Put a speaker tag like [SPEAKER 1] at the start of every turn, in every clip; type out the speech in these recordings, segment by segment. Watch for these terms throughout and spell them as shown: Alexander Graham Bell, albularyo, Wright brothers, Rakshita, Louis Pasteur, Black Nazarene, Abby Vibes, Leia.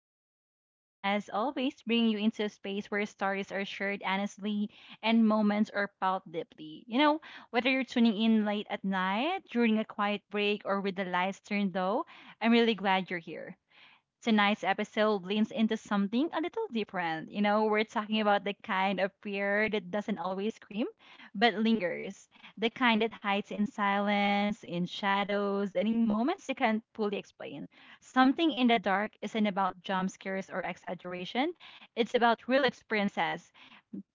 [SPEAKER 1] host, Abby, again, as always, bringing you into a space where stories are shared honestly and moments are felt deeply. Whether you're tuning in late at night, during a quiet break, or with the lights turned low, I'm really glad you're here. Tonight's episode leans into something a little different. We're talking about the kind of fear that doesn't always scream, but lingers. The kind that hides in silence, in shadows, and in moments you can't fully explain. Something in the dark isn't about jump scares or exaggeration, it's about real experiences,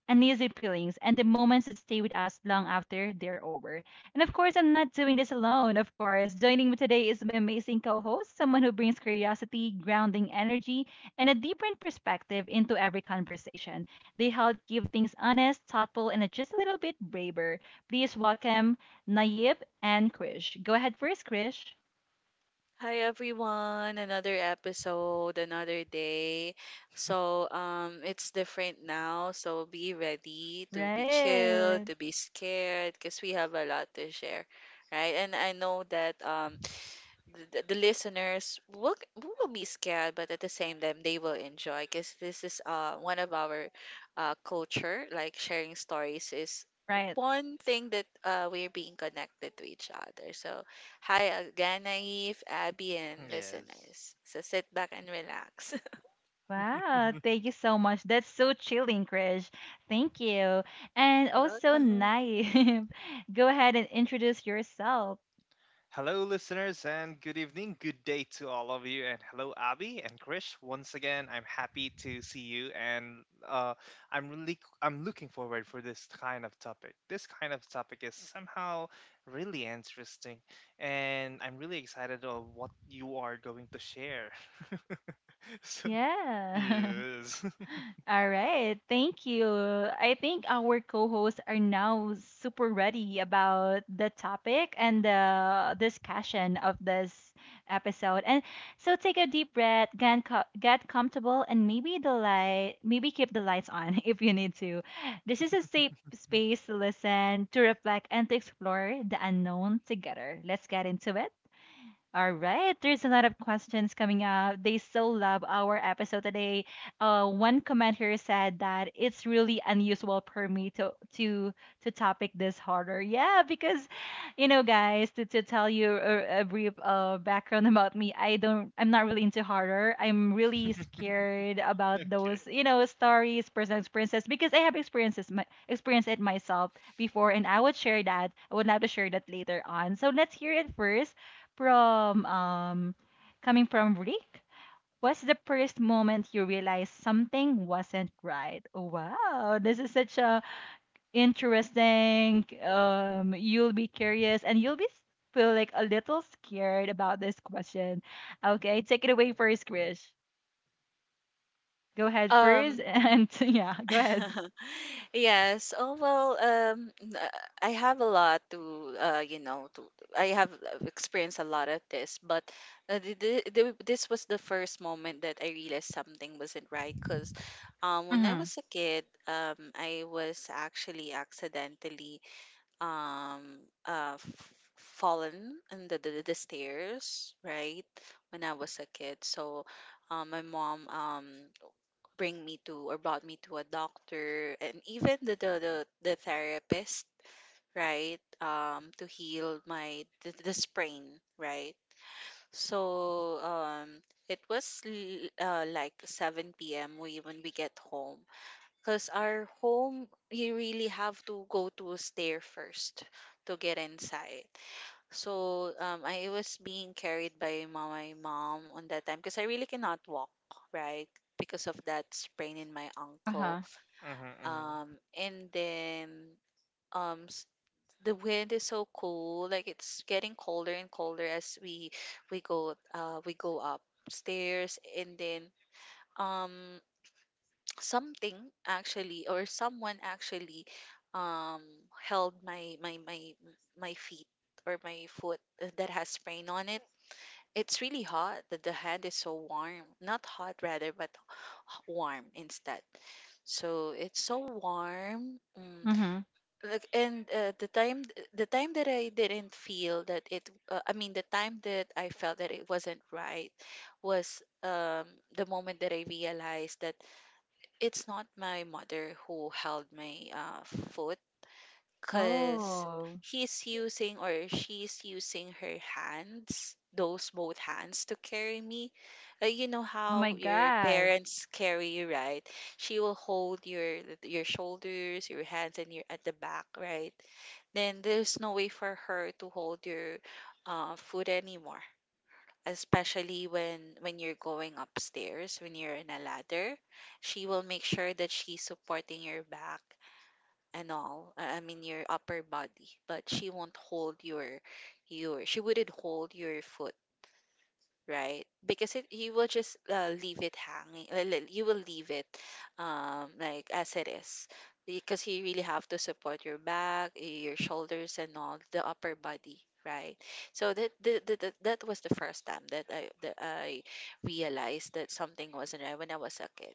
[SPEAKER 1] uneasy feelings, and the moments that stay with us long after they're over. And of course, I'm not doing this alone, of course. Joining me today is my amazing co host, someone who brings curiosity, grounding energy, and a different perspective into every conversation. They help keep things honest, thoughtful, and just a little bit braver. Please welcome Nayib and Krish. Go ahead first, Krish.
[SPEAKER 2] Hi everyone, another episode, another day. So it's different now, so be ready to be chill,
[SPEAKER 1] Right.
[SPEAKER 2] to be scared because we have a lot to share, right? And I know that the listeners will be scared, but at the same time they will enjoy because this is one of our culture. Like sharing stories is
[SPEAKER 1] Right.
[SPEAKER 2] one thing that we're being connected to each other. So hi again, Naive, Abby, and
[SPEAKER 3] Yes.
[SPEAKER 2] listeners. So sit back and relax.
[SPEAKER 1] Wow, thank you so much. That's so chilling, Krish. Thank you. And
[SPEAKER 2] You're
[SPEAKER 1] also,
[SPEAKER 2] welcome.
[SPEAKER 1] Naib, go ahead and introduce yourself.
[SPEAKER 3] Hello, listeners, and good evening, good day to all of you. And hello, Abby and Krish. Once again, I'm happy to see you, and I'm looking forward for this kind of topic. This kind of topic is somehow really interesting, and I'm really excited of what you are going to share. So
[SPEAKER 1] Yeah.
[SPEAKER 3] yes.
[SPEAKER 1] All right, thank you. I think our co-hosts are now super ready about the topic and the discussion of this episode. And so take a deep breath, get comfortable, and maybe the light, maybe keep the lights on if you need to. This is a safe space to listen, to reflect, and to explore the unknown together. Let's get into it. All right, there's a lot of questions coming up. They so love our episode today. One commenter said that it's really unusual for me to to topic this harder. Yeah, because you know, guys, to tell you a brief background about me, I'm not really into horror. I'm really scared about
[SPEAKER 3] Okay.
[SPEAKER 1] those, you know, stories, personal experiences, because I have experiences, experienced it myself before, and I would share that. I would love to share that later on. So let's hear it first from coming from Rick. What's the first moment you realized something wasn't right? Wow, this is such a interesting. You'll be curious and feel like a little scared about this question. Okay, take it away first, Krish. Go ahead first,
[SPEAKER 2] Um.
[SPEAKER 1] and yeah, go ahead.
[SPEAKER 2] Yes. Oh well, I have a lot to. I have experienced a lot of this, but this was the first moment that I realized something wasn't right. Because when I
[SPEAKER 1] Mm-hmm.
[SPEAKER 2] was a kid, I was actually accidentally f fallen in the stairs, right? When I was a kid, so my mom bring me to or brought me to a doctor and even the therapist, right, to heal the sprain, right. So it was like 7 p.m. we when we get home, because our home, you really have to go to a stair first to get inside. So I was being carried by my mom on that time because I really cannot walk, right, because of that sprain in my ankle.
[SPEAKER 1] Uh-huh.
[SPEAKER 2] um,
[SPEAKER 3] Hmm.
[SPEAKER 2] and then um, s- the wind is so cool. Like it's getting colder and colder as we go upstairs. And then um, something actually or someone actually um, held my feet or my foot, that has sprain on it. It's really hot. The hand is so warm. Not hot rather, but warm instead. So it's so warm.
[SPEAKER 1] Mm-hmm.
[SPEAKER 2] Like, and the time that I didn't feel that it, I mean the time that I felt that it wasn't right was the moment that I realized that it's not my mother who held my foot, because
[SPEAKER 1] Oh.
[SPEAKER 2] he's using or she's using her hands, those both hands, to carry me. You know
[SPEAKER 1] Oh my
[SPEAKER 2] how your
[SPEAKER 1] God.
[SPEAKER 2] parents carry you, right? She will hold your shoulders, your hands, and your at the back, right? Then there's no way for her to hold your foot anymore. Especially when you're going upstairs, when you're in a ladder, she will make sure that she's supporting your back and all. I mean your upper body, but she won't hold your she wouldn't hold your foot, right? Because it you will just leave it hanging. You will leave it like as it is. Because you really have to support your back, your shoulders, and all the upper body, right? So that was the first time that I realized that something wasn't right when I was a kid.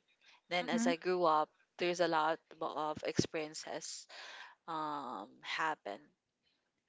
[SPEAKER 2] Then as
[SPEAKER 1] Mm-hmm.
[SPEAKER 2] I grew up, there's a lot of experiences happen,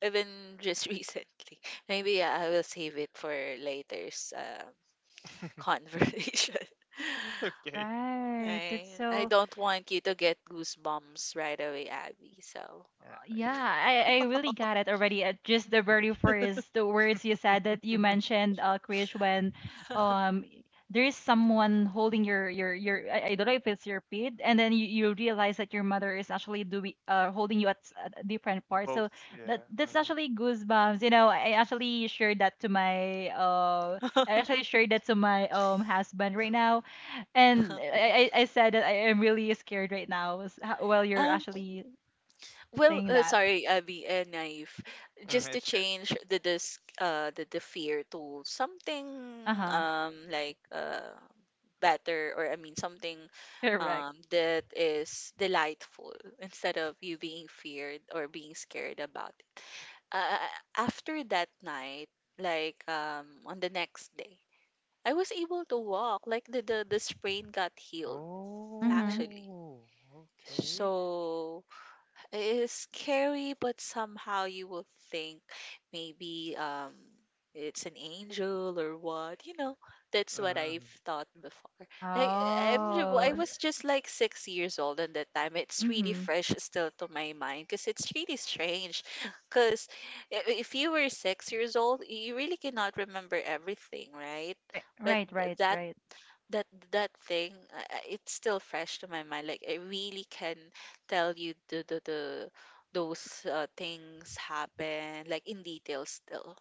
[SPEAKER 2] even just recently. Maybe yeah, I will save it for later's conversation.
[SPEAKER 3] Okay.
[SPEAKER 1] Right. That's
[SPEAKER 2] I
[SPEAKER 1] so
[SPEAKER 2] don't want you to get goosebumps right away, Abby, so
[SPEAKER 1] yeah,
[SPEAKER 3] Yeah.
[SPEAKER 1] I really got it already. Just
[SPEAKER 3] Yeah.
[SPEAKER 1] the very first the words you said that you mentioned, Krish, when um there is someone holding your I don't know if it's your feet, and then you realize that your mother is actually doing holding you at a different part. So
[SPEAKER 3] Both.
[SPEAKER 1] that
[SPEAKER 3] Yeah.
[SPEAKER 1] that's
[SPEAKER 3] Hmm,
[SPEAKER 1] actually goosebumps. You know, I actually shared that to my husband right now, and I said that I am really scared right now while you're
[SPEAKER 2] um
[SPEAKER 1] actually
[SPEAKER 2] well,
[SPEAKER 1] saying that.
[SPEAKER 2] sorry, Abby and Naif.
[SPEAKER 3] hmm.
[SPEAKER 2] Just to
[SPEAKER 3] It's good.
[SPEAKER 2] change the fear to something
[SPEAKER 1] Uh-huh.
[SPEAKER 2] like better, or I mean something
[SPEAKER 1] Correct.
[SPEAKER 2] that is delightful instead of you being feared or being scared about it. Uh, after that night, like on the next day, I was able to walk. Like the sprain got healed
[SPEAKER 1] Mm-hmm.
[SPEAKER 2] actually.
[SPEAKER 3] Oh, okay.
[SPEAKER 2] So it is scary, but somehow you will think maybe it's an angel or what. You know, that's what I've
[SPEAKER 3] Mm-hmm.
[SPEAKER 2] thought before. Like I
[SPEAKER 1] Oh.
[SPEAKER 2] was just like 6 years old at that time. It's really
[SPEAKER 1] Mm-hmm.
[SPEAKER 2] fresh still to my mind because it's really strange. Because if you were 6 years old, you really cannot remember everything, right?
[SPEAKER 1] Right,
[SPEAKER 2] But
[SPEAKER 1] right, right,
[SPEAKER 2] that
[SPEAKER 1] right.
[SPEAKER 2] that thing, it's still fresh to my mind, like I really can tell you the those things happen like in detail still.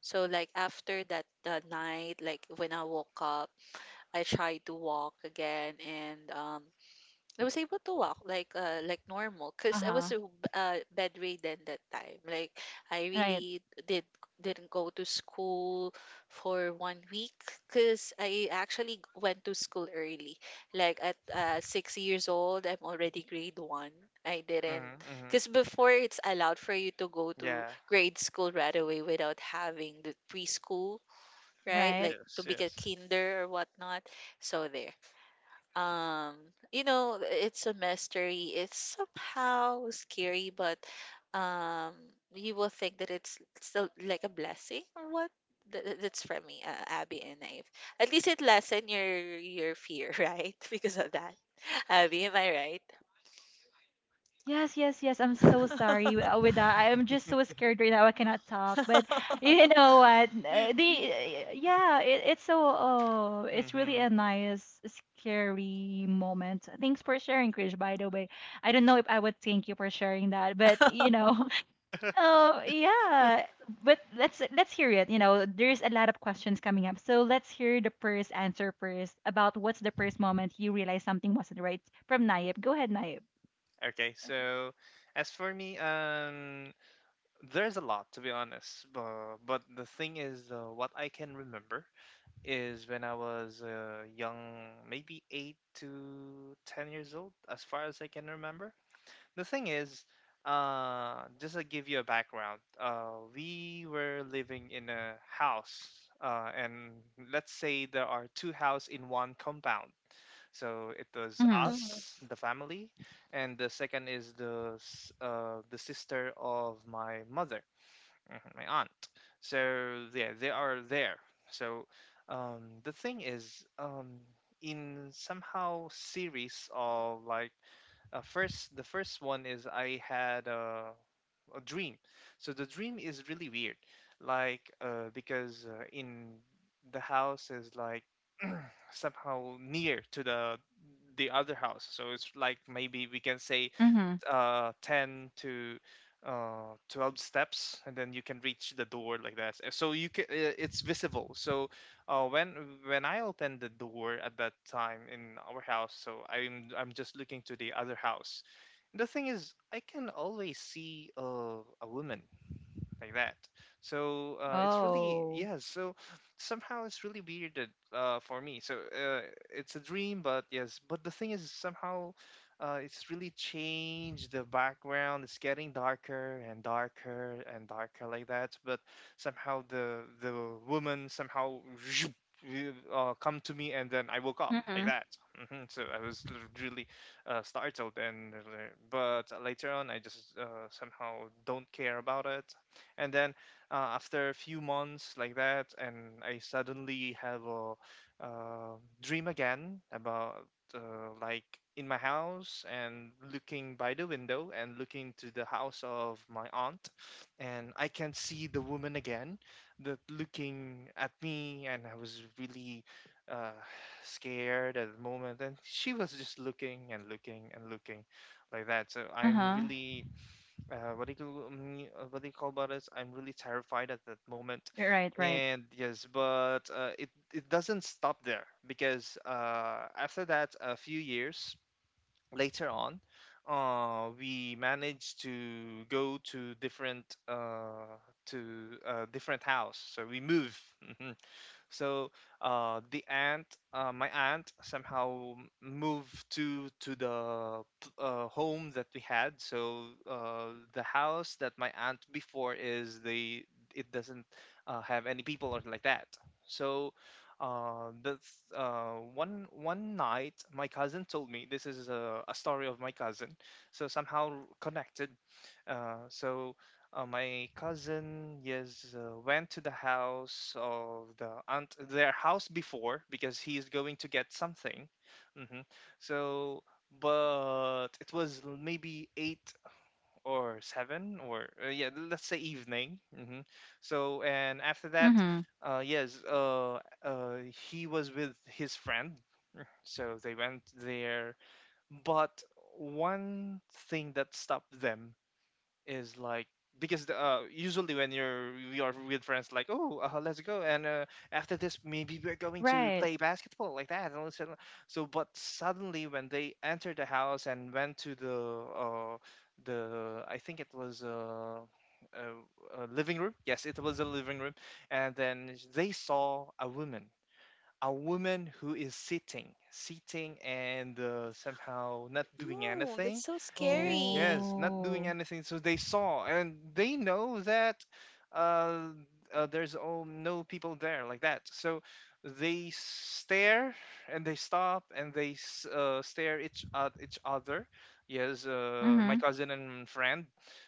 [SPEAKER 2] So like after that night, like when I woke up, I tried to walk again, and I was able to walk like normal, because I was
[SPEAKER 1] Uh-huh.
[SPEAKER 2] bedridden that time. Like I
[SPEAKER 1] Right.
[SPEAKER 2] really didn't go to school for one week because I actually went to school early. Like at 6 years old, I'm already grade one. I didn't
[SPEAKER 3] Mm-hmm. Mm-hmm.
[SPEAKER 2] Because before it's allowed for you to go to
[SPEAKER 3] Yeah.
[SPEAKER 2] grade school right away without having the preschool, right?
[SPEAKER 1] Right.
[SPEAKER 2] Like to
[SPEAKER 3] Yes.
[SPEAKER 2] be a
[SPEAKER 3] Yes.
[SPEAKER 2] kinder or whatnot. So there, um you know, it's a mystery, it's somehow scary, but um you will think that it's still like a blessing or what. That's for me, Abby and Naive. At least it lessen your fear right because of that. Abby, am I right?
[SPEAKER 1] Yes, yes, yes. I'm so sorry with that. I am just so scared right now. I cannot talk. But you know what? The Yeah, it, it's so oh, it's really
[SPEAKER 3] Mm-hmm.
[SPEAKER 1] a nice scary moment. Thanks for sharing, Krish, by the way. I don't know if I would thank you for sharing that, but you know, oh, yeah. But let's hear it. You know, there's a lot of questions coming up. So let's hear the first answer first about what's the first moment you realized something wasn't right from Naib. Go ahead, Naib.
[SPEAKER 3] Okay. So, as for me, there's a lot, to be honest. But the thing is, what I can remember is when I was young, maybe 8 to 10 years old, as far as I can remember. The thing is, just to give you a background, we were living in a house, and let's say there are two houses in one compound. So it was
[SPEAKER 1] Mm-hmm.
[SPEAKER 2] Mm-hmm.
[SPEAKER 3] us, the family, and the second is the sister of my mother, mhm, my aunt. So yeah, they are there. So the thing is, in somehow series of like, first the first one is I had a dream. So the dream is really weird, like, because in the house is like somehow near to the other house. So it's like maybe we can say
[SPEAKER 1] Mm-hmm.
[SPEAKER 3] ten to 12 steps and then you can reach the door, like that. So you can, it's visible. So uh when when I opened the door at that time in our house, so I'm just looking to the other house. The thing is, I can always see a woman, like that. So it's really,
[SPEAKER 1] Oh.
[SPEAKER 3] yeah. So somehow it's really weird that, for me. So it's a dream, but yes. But the thing is, somehow it's really changed the background. It's getting darker and darker and darker, like that. But somehow the woman somehow. Come to me, and then I woke up, like
[SPEAKER 1] Mm-hmm.
[SPEAKER 3] that. Hmm. So I was really startled and, but later on I just, somehow don't care about it, and then, after a few months like that, and I suddenly have a, uh, dream again about, like, in my house and looking by the window and looking to the house of my aunt, and I can see the woman again that looking at me, and I was really, uh, scared at the moment, and she was just looking and looking and looking, like that. So I'm
[SPEAKER 1] Uh-huh.
[SPEAKER 3] really, what do you call me? What do you call about this? I'm really terrified at that moment,
[SPEAKER 1] Right, right.
[SPEAKER 3] and yes, but it doesn't stop there, because after that, a few years later on, we managed to go to different, to different house. So we move. So the aunt, my aunt, somehow moved to the, home that we had. So the house that my aunt before is the it doesn't have any people or like that. So that's one night my cousin told me, this is a story of my cousin. So somehow connected, so my cousin, yes, went to the house of the aunt, their house before, because he is going to get something. Hmm. So, but it was maybe 8 or 7 or, yeah, let's say, evening. Hmm. So, and after that,
[SPEAKER 1] Mm-hmm.
[SPEAKER 3] yes, he was with his friend. So they went there, but one thing that stopped them is, like, because usually when you're we are with friends, like, oh, let's go, and after this maybe we're going to
[SPEAKER 1] Right.
[SPEAKER 3] play basketball, like that and all this and that." So, but suddenly when they entered the house and went to the, uh, I think it was a living room. Yes, it was a living room, and then they saw a woman, a woman who is sitting, sitting, and somehow not doing
[SPEAKER 2] Oh,
[SPEAKER 3] anything.
[SPEAKER 2] that's so scary.
[SPEAKER 3] Yes, not doing
[SPEAKER 1] Oh.
[SPEAKER 3] anything. So they saw, and they know that, uh, there's all, no people there, like that. So they stare and they stop, and they stare each at each other. Yes, my
[SPEAKER 1] Mm-hmm.
[SPEAKER 3] cousin and friend.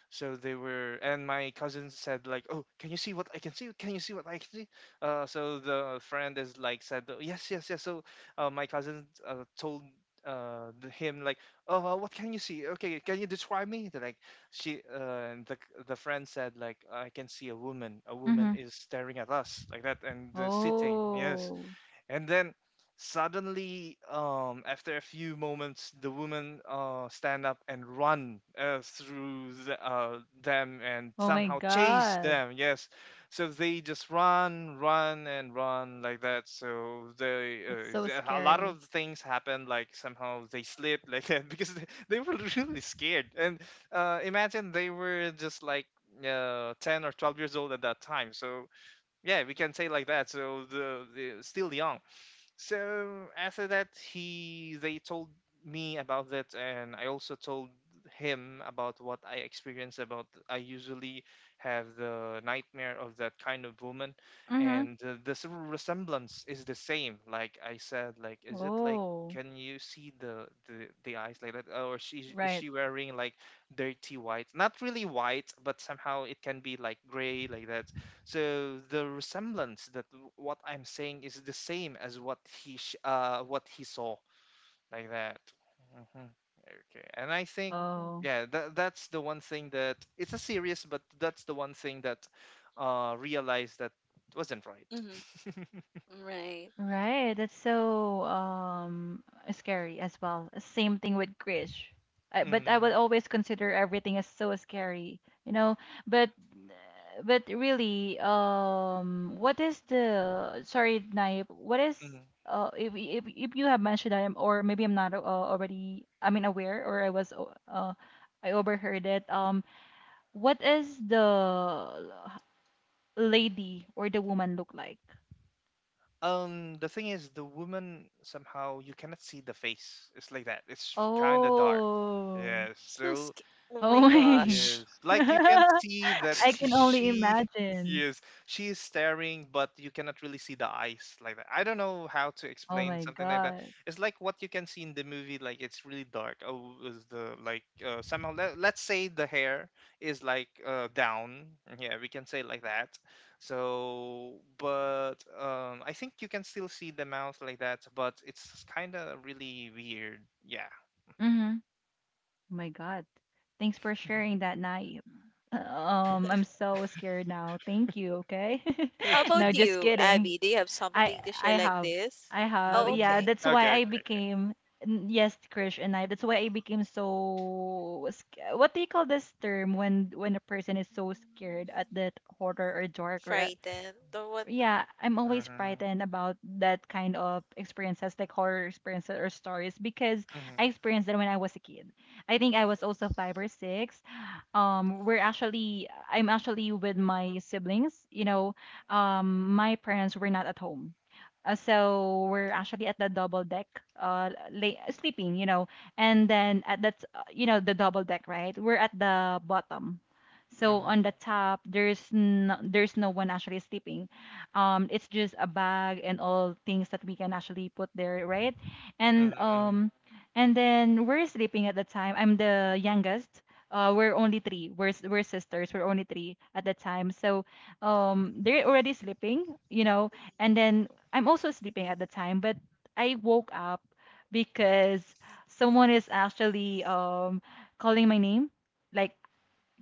[SPEAKER 3] So they were, and my cousin said, like, "Oh, can you see what I can see? Can you see what I can see?" So the friend is, like, said, "Oh, yes, yes, yes. So my cousin told him, like, oh, what can you see? Okay, can you describe me? They're like, she and the friend said, like, I can see a woman. A woman
[SPEAKER 1] Mm-hmm.
[SPEAKER 3] is staring at us, like that, and sitting. Yes,
[SPEAKER 1] Oh.
[SPEAKER 3] and then suddenly, after a few moments, the woman stand up and run through them and
[SPEAKER 1] Oh my
[SPEAKER 3] somehow chase
[SPEAKER 1] God.
[SPEAKER 3] them. Yes, so they just run, run, and run, like that. So they,
[SPEAKER 1] That's so
[SPEAKER 3] a lot
[SPEAKER 1] scary.
[SPEAKER 3] of things happen. Like somehow they slip like that because they were really scared. And imagine they were just like 10 or 12 years old at that time. So yeah, we can say, like that. So the still young. So after that, he they told me about that, and I also told him about what I experienced. About, I usually have the nightmare of that kind of woman,
[SPEAKER 1] Mm-hmm.
[SPEAKER 3] and resemblance is the same. Like, I said, like, is it like,
[SPEAKER 1] Oh.
[SPEAKER 3] can you see the eyes, like that, or she is
[SPEAKER 1] Right.
[SPEAKER 3] she wearing like dirty white? Not really white, but somehow it can be like gray, like that. So the resemblance that what I'm saying is the same as what he what he saw, like that. Hmm. Okay, and I think,
[SPEAKER 1] Oh.
[SPEAKER 3] yeah, that's the one thing that it's a serious, but that's the one thing that realized that wasn't right.
[SPEAKER 2] Hmm. Right.
[SPEAKER 1] Right. That's so scary as well. Same thing with Krish. I, but I would
[SPEAKER 3] Mm.
[SPEAKER 1] always consider everything as so scary, you know. But but really, what is the sorry, Naib, what is
[SPEAKER 3] Mm.
[SPEAKER 1] if if if you have mentioned that I'm, or maybe I'm not already I mean aware or I overheard it. What is lady or the woman look like?
[SPEAKER 3] The thing is, the woman somehow you cannot see the face. It's like that. It's kind of dark.
[SPEAKER 1] Oh.
[SPEAKER 3] Yeah.
[SPEAKER 2] So
[SPEAKER 3] So,
[SPEAKER 2] sc- oh
[SPEAKER 1] Oh
[SPEAKER 2] my
[SPEAKER 1] my.
[SPEAKER 2] gosh.
[SPEAKER 3] yes, like you can see that
[SPEAKER 1] I
[SPEAKER 3] he,
[SPEAKER 1] can only
[SPEAKER 3] she,
[SPEAKER 1] imagine.
[SPEAKER 3] yes, she is staring, but you cannot really see the eyes, like that. I don't know how to
[SPEAKER 1] Oh
[SPEAKER 3] explain
[SPEAKER 1] my
[SPEAKER 3] something like that.
[SPEAKER 1] god.
[SPEAKER 3] It's like what you can see in the movie, like, it's really dark. Oh, is the like, somehow, let's say the hair is like, down. Yeah, we can say, like that. So, but I think you can still see the mouth, like that, but it's kind of really weird. Yeah.
[SPEAKER 1] Mhm. Oh my god. Thanks for sharing that night. I'm so scared now. Thank you, okay?
[SPEAKER 2] How about
[SPEAKER 3] Okay.
[SPEAKER 1] No, just
[SPEAKER 2] you,
[SPEAKER 1] kidding.
[SPEAKER 2] Abby? Do you have
[SPEAKER 1] I
[SPEAKER 2] something to
[SPEAKER 1] I
[SPEAKER 2] share like
[SPEAKER 1] have.
[SPEAKER 2] this?
[SPEAKER 1] I have.
[SPEAKER 2] Oh,
[SPEAKER 1] Yeah,
[SPEAKER 3] Mm,
[SPEAKER 2] okay.
[SPEAKER 1] that's why
[SPEAKER 3] okay.
[SPEAKER 1] I
[SPEAKER 3] Okay.
[SPEAKER 1] became yes, Krish and I. That's why I became what do you call this term when a person is so scared at
[SPEAKER 3] Mm.
[SPEAKER 1] that horror or dark or
[SPEAKER 2] Frightened or what?
[SPEAKER 1] yeah, I'm always
[SPEAKER 3] Mhm,
[SPEAKER 1] frightened about that kind of experiences, like horror experiences or stories, because I
[SPEAKER 3] mhm,
[SPEAKER 1] experienced that when I was a kid. I think I
[SPEAKER 2] Mm.
[SPEAKER 1] was also five or six. I'm actually with my siblings. You know, my parents were not at home. So we're actually at the double deck, lay, sleeping, you know, and then at that, you know, the double deck, right? We're at the bottom. So
[SPEAKER 3] mhm,
[SPEAKER 1] on the top, there's no one actually sleeping, it's just a bag and all things that we can actually put there, right? And
[SPEAKER 3] mhm, mhm.
[SPEAKER 1] um, and then we're sleeping at the time. I'm the youngest. We're only three. We're sisters. We're only three at the time. So they're already sleeping, you know. And then I'm also sleeping at the time, but I woke up because someone is actually calling my name like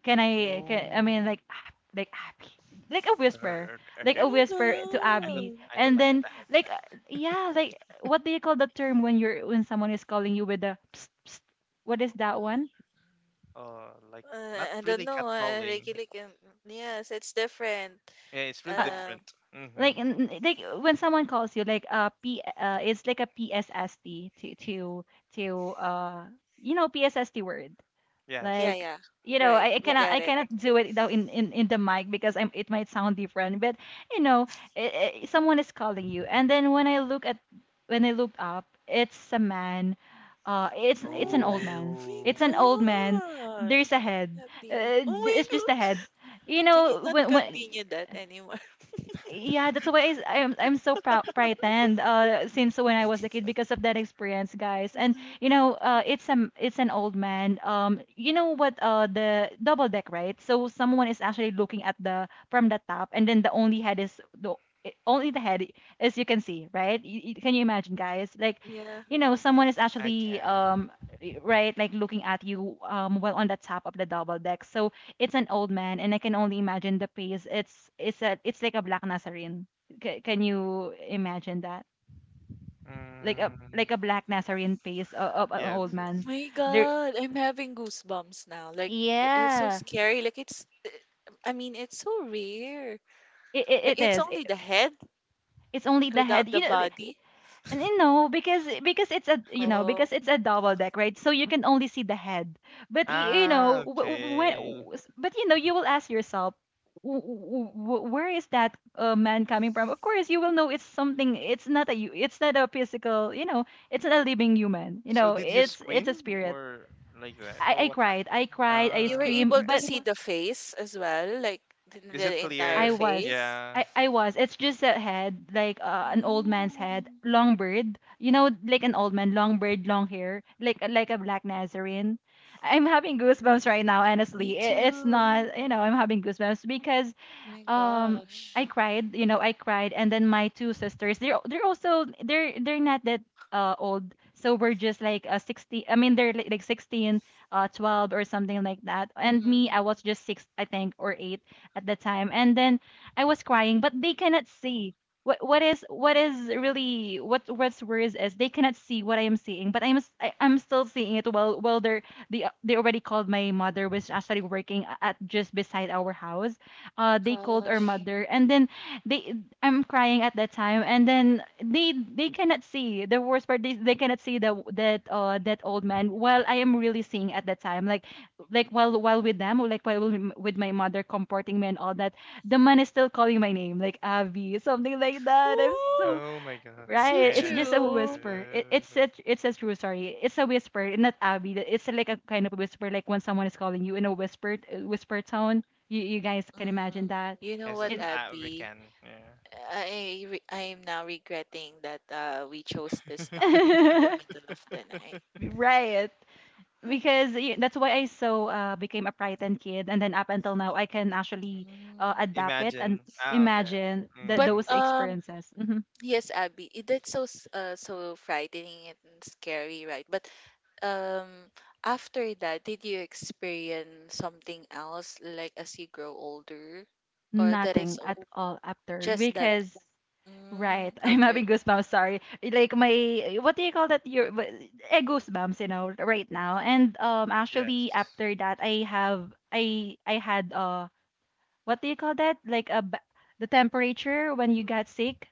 [SPEAKER 1] can I mean
[SPEAKER 3] Ooh.
[SPEAKER 1] like "Ah," like Abby, like a whisper,
[SPEAKER 3] Uh,
[SPEAKER 1] like
[SPEAKER 3] okay, okay,
[SPEAKER 1] a
[SPEAKER 3] okay.
[SPEAKER 1] whisper to
[SPEAKER 3] I
[SPEAKER 2] Oh
[SPEAKER 3] don't,
[SPEAKER 1] Abby.
[SPEAKER 2] my god.
[SPEAKER 3] I don't
[SPEAKER 1] And
[SPEAKER 3] like
[SPEAKER 1] then
[SPEAKER 3] that.
[SPEAKER 1] like yeah, like what do you call the term when you're when someone is calling you with a psst, psst, what is that one
[SPEAKER 3] Oh, like, not
[SPEAKER 2] I don't
[SPEAKER 3] really
[SPEAKER 2] know.
[SPEAKER 3] catcalling.
[SPEAKER 2] Regularly can. Yes, it's different.
[SPEAKER 3] Yeah, it's really
[SPEAKER 1] uh
[SPEAKER 2] Um.
[SPEAKER 3] different. Mm-hmm.
[SPEAKER 1] like
[SPEAKER 2] mm,
[SPEAKER 1] like when someone calls you like p it's like a PSST to you know PSST word
[SPEAKER 3] Yes.
[SPEAKER 2] Yeah,
[SPEAKER 1] like
[SPEAKER 2] yeah. Right. We got
[SPEAKER 1] I
[SPEAKER 2] it.
[SPEAKER 1] cannot do it though in the mic because I'm it might sound different but you know I someone is calling you and then when I look at when I looked up it's a man it's an
[SPEAKER 2] Oh, oh
[SPEAKER 1] old man,
[SPEAKER 2] my
[SPEAKER 3] Ooh.
[SPEAKER 1] it's an old man,
[SPEAKER 2] gosh.
[SPEAKER 1] there's a head,
[SPEAKER 2] Happy. Oh my
[SPEAKER 1] it's just a head,
[SPEAKER 2] god.
[SPEAKER 1] you
[SPEAKER 2] Can you
[SPEAKER 1] know
[SPEAKER 2] not
[SPEAKER 1] when
[SPEAKER 2] continue that anymore?
[SPEAKER 1] yeah that's why I'm so proud frightened since when I
[SPEAKER 3] Oh
[SPEAKER 1] was a
[SPEAKER 3] my
[SPEAKER 1] kid
[SPEAKER 3] god.
[SPEAKER 1] because of that experience guys. And you know it's a it's an old man you know what the double deck right so someone is actually looking at the from the top and then the only head is the only the head as you can see right. Can you imagine guys like
[SPEAKER 2] Yeah.
[SPEAKER 1] you know someone is
[SPEAKER 3] I
[SPEAKER 1] actually
[SPEAKER 3] can.
[SPEAKER 1] eh, right, like looking at you while on the top of the double deck. So it's an old man and I can only imagine the pace. It's like a black Nazarene. Can you imagine that?
[SPEAKER 3] Mm,
[SPEAKER 1] Like a black Nazarene pace of an
[SPEAKER 3] yes,
[SPEAKER 1] old man.
[SPEAKER 3] yes.
[SPEAKER 2] My
[SPEAKER 1] There
[SPEAKER 2] god, I'm having goosebumps now. Like it's so
[SPEAKER 1] yeah.
[SPEAKER 2] scary. Like it's, I mean, it's so rare. Like,
[SPEAKER 1] It
[SPEAKER 2] it's
[SPEAKER 1] is.
[SPEAKER 2] only the head.
[SPEAKER 1] It's only the head.
[SPEAKER 2] Without the
[SPEAKER 1] You know,
[SPEAKER 2] body?
[SPEAKER 1] and you know, because it's a you know because
[SPEAKER 2] Oh.
[SPEAKER 1] it's a double deck, right? So you can only see the head. But you
[SPEAKER 3] Ah,
[SPEAKER 1] know when,
[SPEAKER 3] okay.
[SPEAKER 1] but you know you will ask yourself, Where is that man coming from?" Of course, you will know it's something. It's not a you. It's not a physical. You know, it's not a living human. You
[SPEAKER 3] So
[SPEAKER 1] know,
[SPEAKER 3] did you
[SPEAKER 1] it's a
[SPEAKER 3] scream
[SPEAKER 1] spirit.
[SPEAKER 3] or like that? Oh,
[SPEAKER 1] I
[SPEAKER 3] what
[SPEAKER 1] cried.
[SPEAKER 3] happened?
[SPEAKER 1] I cried. I
[SPEAKER 2] You were
[SPEAKER 3] Ah,
[SPEAKER 2] able
[SPEAKER 1] screamed.
[SPEAKER 3] okay.
[SPEAKER 2] to
[SPEAKER 1] But
[SPEAKER 2] see the face as well, like the,
[SPEAKER 3] Is it
[SPEAKER 2] the entire
[SPEAKER 1] I
[SPEAKER 3] clear?
[SPEAKER 1] was.
[SPEAKER 2] face?
[SPEAKER 3] Yeah.
[SPEAKER 1] I was. It's just a head, like an old man's head,
[SPEAKER 2] Mm,
[SPEAKER 1] long beard. You know, like an old man, long beard, long hair, like a black Nazarene. I'm having goosebumps right now.
[SPEAKER 2] me
[SPEAKER 1] Honestly, it, it's
[SPEAKER 2] too.
[SPEAKER 1] not. You know, I'm having goosebumps because
[SPEAKER 2] My
[SPEAKER 1] um
[SPEAKER 2] gosh.
[SPEAKER 1] I cried, you know, I cried and then my two sisters, they're also they're not that old. So we're just like 16. I mean they're like 16, 12 or something like that. And
[SPEAKER 2] Mm-hmm.
[SPEAKER 1] me, I was just 6 I think or 8 at the time. And then I was crying, but they cannot see what's worse is they cannot see what I am seeing, but I am still seeing it while they already called. My mother was actually working at just beside our house. They called our
[SPEAKER 2] Gosh.
[SPEAKER 1] mother, and then they I'm crying at that time, and then they cannot see the worst part. They cannot see the that that old man while I am really seeing at that time, like while with them, or like while with my mother comforting me and all that. The man is still calling my name, like Avi, something like that. I'm
[SPEAKER 2] Ooh,
[SPEAKER 1] so
[SPEAKER 3] Oh my god.
[SPEAKER 2] so
[SPEAKER 1] Right, it's
[SPEAKER 3] Yes.
[SPEAKER 1] just a
[SPEAKER 2] true.
[SPEAKER 1] whisper. It, it's a, it's a true story. It's a whisper, not Abby. It's like a kind of whisper, like when someone is calling you in a whispered whisper tone. You guys can
[SPEAKER 2] Mm-hmm.
[SPEAKER 1] imagine that.
[SPEAKER 2] You know
[SPEAKER 3] This is,
[SPEAKER 2] what,
[SPEAKER 1] It
[SPEAKER 3] we
[SPEAKER 2] Abby?
[SPEAKER 3] can. Yeah.
[SPEAKER 2] I am now regretting that we chose this topic in the middle of the night.
[SPEAKER 1] right, because that's why I so became a frightened kid, and then up until now I can
[SPEAKER 3] Mm.
[SPEAKER 1] actually
[SPEAKER 2] Mm.
[SPEAKER 1] adapt it
[SPEAKER 3] Imagine.
[SPEAKER 1] and
[SPEAKER 3] Ah, okay.
[SPEAKER 1] imagine that
[SPEAKER 2] But
[SPEAKER 3] Mm,
[SPEAKER 1] those experiences. Mhm.
[SPEAKER 2] yes, Abby, it, that's so so frightening and scary, right? But um, after that, did you experience something else, like as you grow older, or that is
[SPEAKER 1] Nothing
[SPEAKER 2] o-
[SPEAKER 1] at all after,
[SPEAKER 2] just that?
[SPEAKER 1] because
[SPEAKER 2] Mm,
[SPEAKER 1] right. I'm
[SPEAKER 2] okay.
[SPEAKER 1] having goosebumps, sorry. Like my, what do you call that? Your goosebumps, you know, right now. And actually
[SPEAKER 3] yes.
[SPEAKER 1] after that I have I had what do you call that? Like a the temperature when you got sick?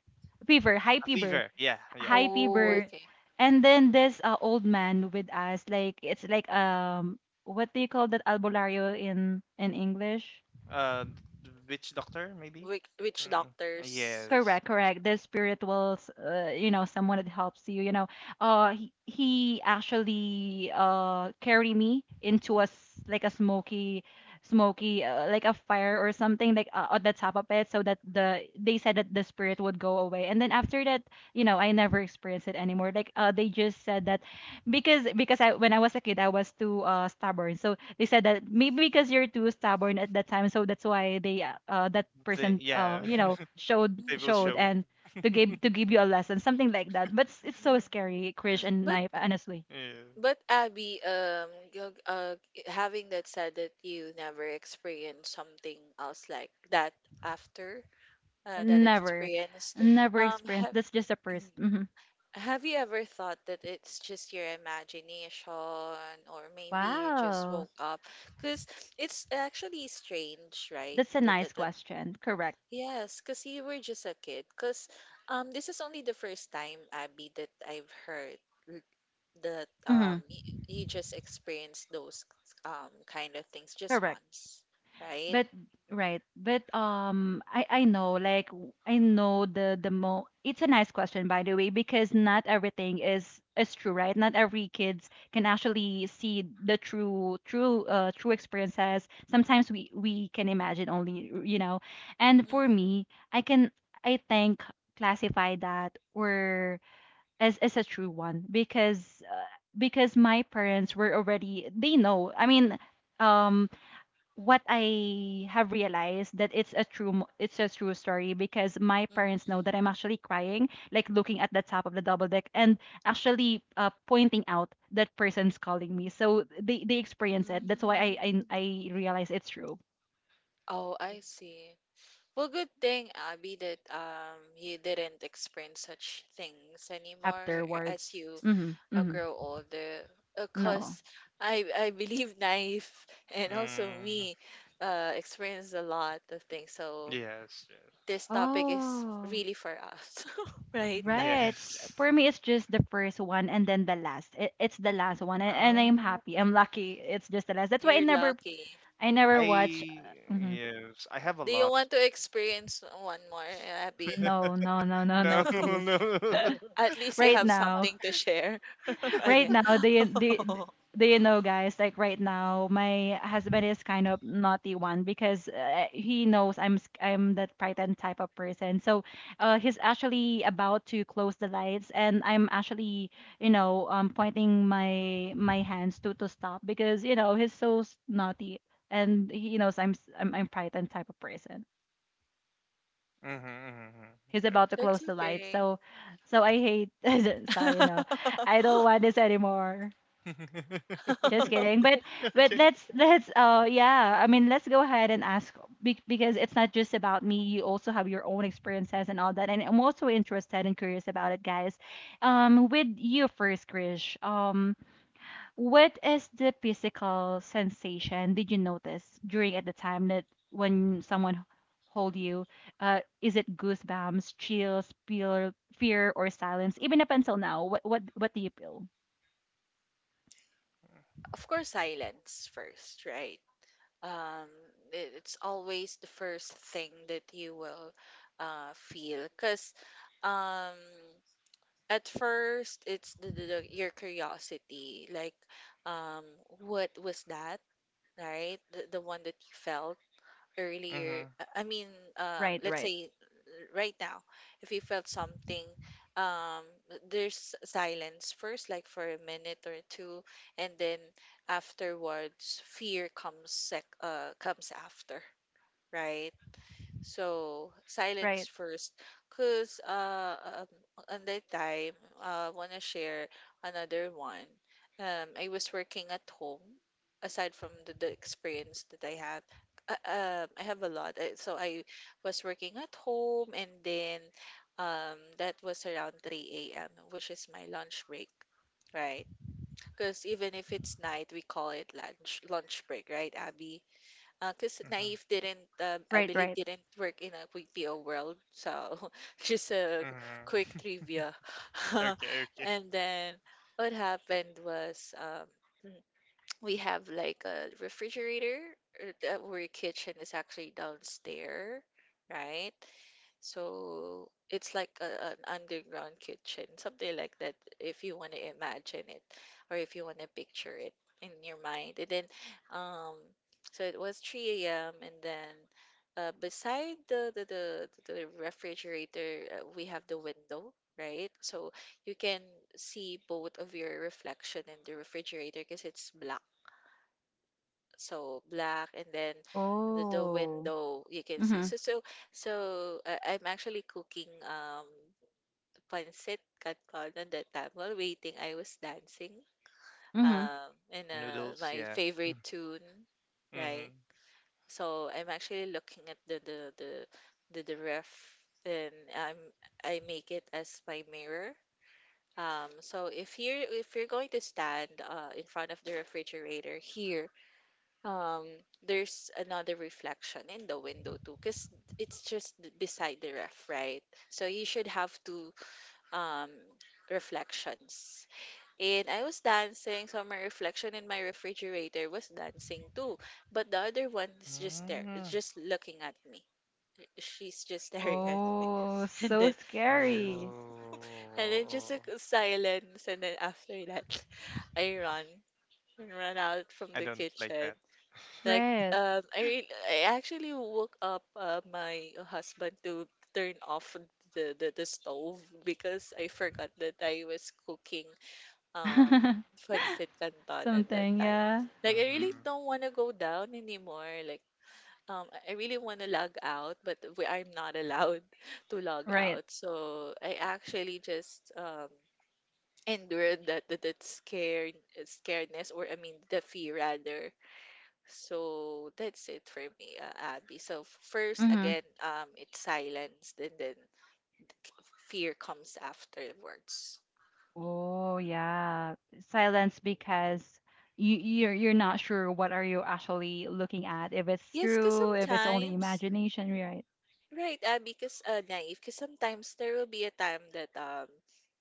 [SPEAKER 1] Fever, high
[SPEAKER 3] A
[SPEAKER 1] fever,
[SPEAKER 3] fever. Yeah, yeah.
[SPEAKER 1] high, mhm,
[SPEAKER 2] Oh,
[SPEAKER 1] fever.
[SPEAKER 2] okay.
[SPEAKER 1] And then this old man with us, like it's like what do you call that, albularyo in English?
[SPEAKER 3] Uh, Witch doctor maybe.
[SPEAKER 2] Which
[SPEAKER 3] Mm.
[SPEAKER 2] doctors?
[SPEAKER 3] Yes.
[SPEAKER 1] Correct, correct. The spiritual, you know, someone that helps you. You know, he actually carried me into a like a smoky, smoky, like a fire or something, like on the top of it, so that the, they said that the spirit would go away. And then after that, you know, I never experienced it anymore. Like they just said that because I, when I was a kid, I was too stubborn, so they said that maybe because you're too stubborn at that time, so that's why they that
[SPEAKER 3] They,
[SPEAKER 1] person,
[SPEAKER 3] yeah.
[SPEAKER 1] you know, showed
[SPEAKER 3] They will
[SPEAKER 2] Mm,
[SPEAKER 1] showed
[SPEAKER 3] show.
[SPEAKER 1] and to give, to give you a lesson, something like that. But it's so
[SPEAKER 2] mm.
[SPEAKER 1] scary, Krish and
[SPEAKER 2] But
[SPEAKER 1] Knife. Honestly,
[SPEAKER 3] Yeah.
[SPEAKER 2] but Abby, uh, having that said that you never experienced something else like that after, that
[SPEAKER 1] never,
[SPEAKER 2] experience.
[SPEAKER 1] never experienced.
[SPEAKER 2] Have
[SPEAKER 1] That's just a person. Hmm.
[SPEAKER 2] have you ever thought that it's just your imagination, or maybe you just
[SPEAKER 1] Wow,
[SPEAKER 2] woke up? Because it's actually strange, right?
[SPEAKER 1] that's a nice question. Correct.
[SPEAKER 2] Yes, because you were just a kid. Because this is only the first time, Abby, that I've heard l- that
[SPEAKER 1] Hmm.
[SPEAKER 2] you just experienced those kind of things just
[SPEAKER 1] Correct.
[SPEAKER 2] once, right?
[SPEAKER 1] But right, but I know, like I know the mo. It's a nice question, by the way, because not everything is true, right? Not every kids can actually see the true true experiences. Sometimes we can imagine only, you know, and
[SPEAKER 2] Hmm,
[SPEAKER 1] for me, I can I think classify that, or as a true one, because my parents were already they know. I mean, um what I have realized that it's a true story, because my parents know
[SPEAKER 2] hmm.
[SPEAKER 1] that I'm actually crying, like looking at the top of the double deck, and actually pointing out that person's calling me. So they experience it. That's why I
[SPEAKER 2] Mm.
[SPEAKER 1] I, I realize it's true
[SPEAKER 2] Oh, I see. Well, good thing, Abby, that you didn't experience such things anymore as
[SPEAKER 1] afterwards.
[SPEAKER 2] you
[SPEAKER 1] Mm-hmm, mm-hmm.
[SPEAKER 2] grow older.
[SPEAKER 1] No.
[SPEAKER 2] Because I believe Knife and also
[SPEAKER 3] Mm,
[SPEAKER 2] me experienced a lot of things. So
[SPEAKER 3] yes. Yes.
[SPEAKER 2] this topic is
[SPEAKER 1] Oh,
[SPEAKER 2] really for us, right, Knife?
[SPEAKER 1] right.
[SPEAKER 3] Yes.
[SPEAKER 1] For me, it's just the first one, and then the last. It's the last one, and I'm
[SPEAKER 3] Um,
[SPEAKER 1] happy. I'm lucky. It's just the last. That's why I
[SPEAKER 2] You're
[SPEAKER 1] never,
[SPEAKER 2] lucky.
[SPEAKER 1] I never watch.
[SPEAKER 3] I
[SPEAKER 1] Uh,
[SPEAKER 3] Yes. I have a
[SPEAKER 2] Do you
[SPEAKER 3] lot.
[SPEAKER 2] want to experience one more, Abby?
[SPEAKER 1] no, no, no, no,
[SPEAKER 3] No,
[SPEAKER 1] no, please.
[SPEAKER 3] no.
[SPEAKER 2] At least you
[SPEAKER 1] Right
[SPEAKER 2] have
[SPEAKER 1] now,
[SPEAKER 2] something to share.
[SPEAKER 1] right
[SPEAKER 2] Okay.
[SPEAKER 1] now, do you know, guys? Like right now, my husband is kind of naughty one, because he knows I'm that frightened type of person. So, he's actually about to close the lights, and I'm actually, you know, pointing my my hands to stop, because you know he's so naughty, and he knows I'm s- I'm frightened type of person.
[SPEAKER 3] Mm-hmm,
[SPEAKER 1] He's about to
[SPEAKER 2] That's
[SPEAKER 1] close the lights.
[SPEAKER 2] okay.
[SPEAKER 1] So, so I hate. Sorry, no, I don't want this anymore.
[SPEAKER 3] mm-hmm.
[SPEAKER 1] Just kidding. But but
[SPEAKER 3] Okay.
[SPEAKER 1] let's let's uh yeah. I mean, let's go ahead and ask, because it's not just about me. You also have your own experiences and all that. And I'm also interested and curious about it, guys. With you first, Krish. What is the physical sensation did you notice during at the time that when someone hold you? Is it goosebumps, chills, fear, fear, or silence? Even up until now, what do you feel?
[SPEAKER 2] Of course, silence first, right? Um, it's always the first thing that you will feel because um, at first it's your curiosity, like um, what was that, right? The one that you felt earlier,
[SPEAKER 3] Mhm.
[SPEAKER 2] I mean,
[SPEAKER 1] Right,
[SPEAKER 2] let's
[SPEAKER 1] right,
[SPEAKER 2] say right now, if you felt something, um, there's silence first, like for a minute or two, and then afterwards, fear comes sec comes after, right? So, silence
[SPEAKER 1] right,
[SPEAKER 2] first. Because on that time, I want to share another one. I was working at home, aside from the experience that I have. Uh, I have a lot. So, I was working at home, and then that was around 3 a.m., which is my lunch break, right? Because even if it's night, we call it lunch break, right, Abby? Because
[SPEAKER 3] Mhm.
[SPEAKER 2] Naive didn't, I
[SPEAKER 1] right,
[SPEAKER 2] believe,
[SPEAKER 1] right.
[SPEAKER 2] didn't work in a BPO world. So just a quick
[SPEAKER 3] Mhm.
[SPEAKER 2] trivia.
[SPEAKER 3] Okay. Okay.
[SPEAKER 2] And then what happened was we have like a refrigerator, that where kitchen is actually downstairs, right? So it's like a, an underground kitchen, something like that, if you want to imagine it or if you want to picture it in your mind. And then, um, so it was 3 a.m. and then beside the refrigerator, we have the window, right? So you can see both of your reflection in the refrigerator because it's black, so black. And then the
[SPEAKER 1] Oh,
[SPEAKER 2] window, you can see
[SPEAKER 1] mm-hmm,
[SPEAKER 2] so I'm actually cooking pancit canton at that time. While waiting, I was dancing,
[SPEAKER 1] mm-hmm.
[SPEAKER 2] um and
[SPEAKER 3] Okay,
[SPEAKER 2] uh
[SPEAKER 3] noodles,
[SPEAKER 2] my
[SPEAKER 3] yeah.
[SPEAKER 2] favorite tune, right?
[SPEAKER 3] Mhm.
[SPEAKER 2] So I'm actually looking at the ref, and I make it as my mirror. So if you're going to stand in front of the refrigerator here. um there's another reflection in the window too, because it's just beside the ref, right? So you should have two um reflections. And I was dancing, so my reflection in my refrigerator was dancing too, but the other one is just there, is
[SPEAKER 3] Mm.
[SPEAKER 2] just looking at me. She's just staring at me
[SPEAKER 1] Oh,
[SPEAKER 2] and
[SPEAKER 1] so
[SPEAKER 2] then
[SPEAKER 1] scary.
[SPEAKER 2] and then just a
[SPEAKER 3] Oh,
[SPEAKER 2] silence, and then after that I run, run out from
[SPEAKER 3] I
[SPEAKER 2] the
[SPEAKER 3] don't like
[SPEAKER 2] kitchen.
[SPEAKER 3] that.
[SPEAKER 2] Like,
[SPEAKER 1] Right.
[SPEAKER 2] I re— I actually woke up my husband to turn off the stove because I forgot that I was cooking um pancit cantonan that
[SPEAKER 1] Something,
[SPEAKER 2] time.
[SPEAKER 1] yeah,
[SPEAKER 2] Like, I really
[SPEAKER 3] Mhm.
[SPEAKER 2] don't want to go down anymore. Like, I really want to log out, but I'm not allowed to log
[SPEAKER 1] right,
[SPEAKER 2] out. So I actually just endured that scaredness, or I mean the fear rather. So that's it for me, Abby. So first,
[SPEAKER 1] mm-hmm.
[SPEAKER 2] again, it's silence, and then c- fear comes afterwards.
[SPEAKER 1] Oh yeah, silence, because you're not sure what are you actually looking at. If it's
[SPEAKER 2] Yes, because
[SPEAKER 1] true, if it's only
[SPEAKER 2] sometimes,
[SPEAKER 1] imagination, right?
[SPEAKER 2] right, Abby, because naive, because sometimes there will be a time that um,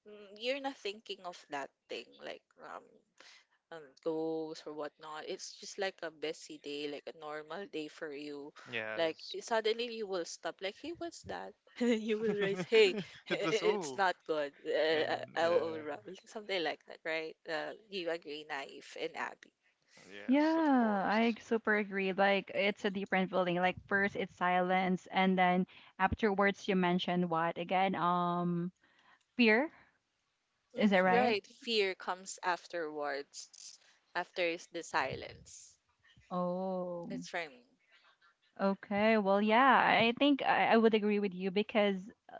[SPEAKER 2] mm, you're not thinking of that thing, like goals or whatnot. It's just like a busy day, like a normal day for you. Like
[SPEAKER 3] Yes.
[SPEAKER 2] suddenly you will stop. Like, hey, what's that? And then you will raise, hey,
[SPEAKER 3] It was,
[SPEAKER 2] it's
[SPEAKER 3] oh,
[SPEAKER 2] not good.
[SPEAKER 3] and
[SPEAKER 2] I will
[SPEAKER 3] yeah.
[SPEAKER 2] run. Something like that, right? You agree, Naif and Abby.
[SPEAKER 1] Yeah,
[SPEAKER 3] Yes, of
[SPEAKER 1] I
[SPEAKER 3] course.
[SPEAKER 1] super agree. Like it's a different feeling. Like first it's silence, and then afterwards you mentioned what again? Fear. Is that
[SPEAKER 2] Mhm,
[SPEAKER 1] right?
[SPEAKER 3] Mhm.
[SPEAKER 2] right. Fear comes afterwards, after is the silence.
[SPEAKER 1] Oh.
[SPEAKER 2] That's from
[SPEAKER 1] Okay, well, yeah, I think I would agree with you because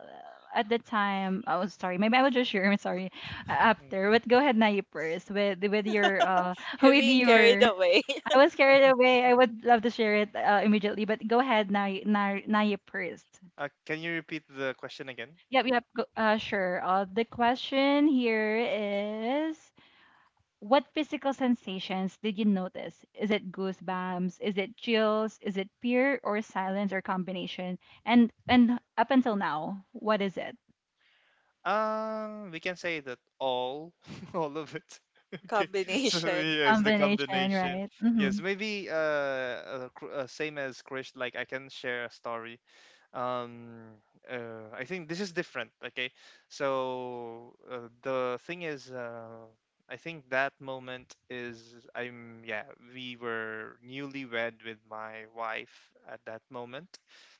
[SPEAKER 1] at the time, oh, sorry, maybe I will just share. I'm sorry,
[SPEAKER 3] Mm.
[SPEAKER 1] after. But go ahead, Nayi, first with your
[SPEAKER 2] you're
[SPEAKER 1] with
[SPEAKER 2] being carried
[SPEAKER 1] your.
[SPEAKER 2] away.
[SPEAKER 1] I was carried away. I would love to share it immediately, but go ahead, Nayi, Nayi first.
[SPEAKER 3] Can you repeat the question again?
[SPEAKER 1] Yep, yep, go, sure. The question here is, what physical sensations did you notice? Is it goosebumps? Is it chills? Is it fear or silence or combination? And up until now, what is it?
[SPEAKER 3] We can say that all, all of it. Okay, so
[SPEAKER 2] Combination,
[SPEAKER 3] yes, the
[SPEAKER 1] Combination,
[SPEAKER 3] combination.
[SPEAKER 1] right?
[SPEAKER 3] Yes,
[SPEAKER 1] Mm-hmm.
[SPEAKER 3] maybe, same as Krish. Like I can share a story. um I think this is different, okay. So the thing is, I think that moment is, I'm yeah, we were newlywed with my wife at that moment.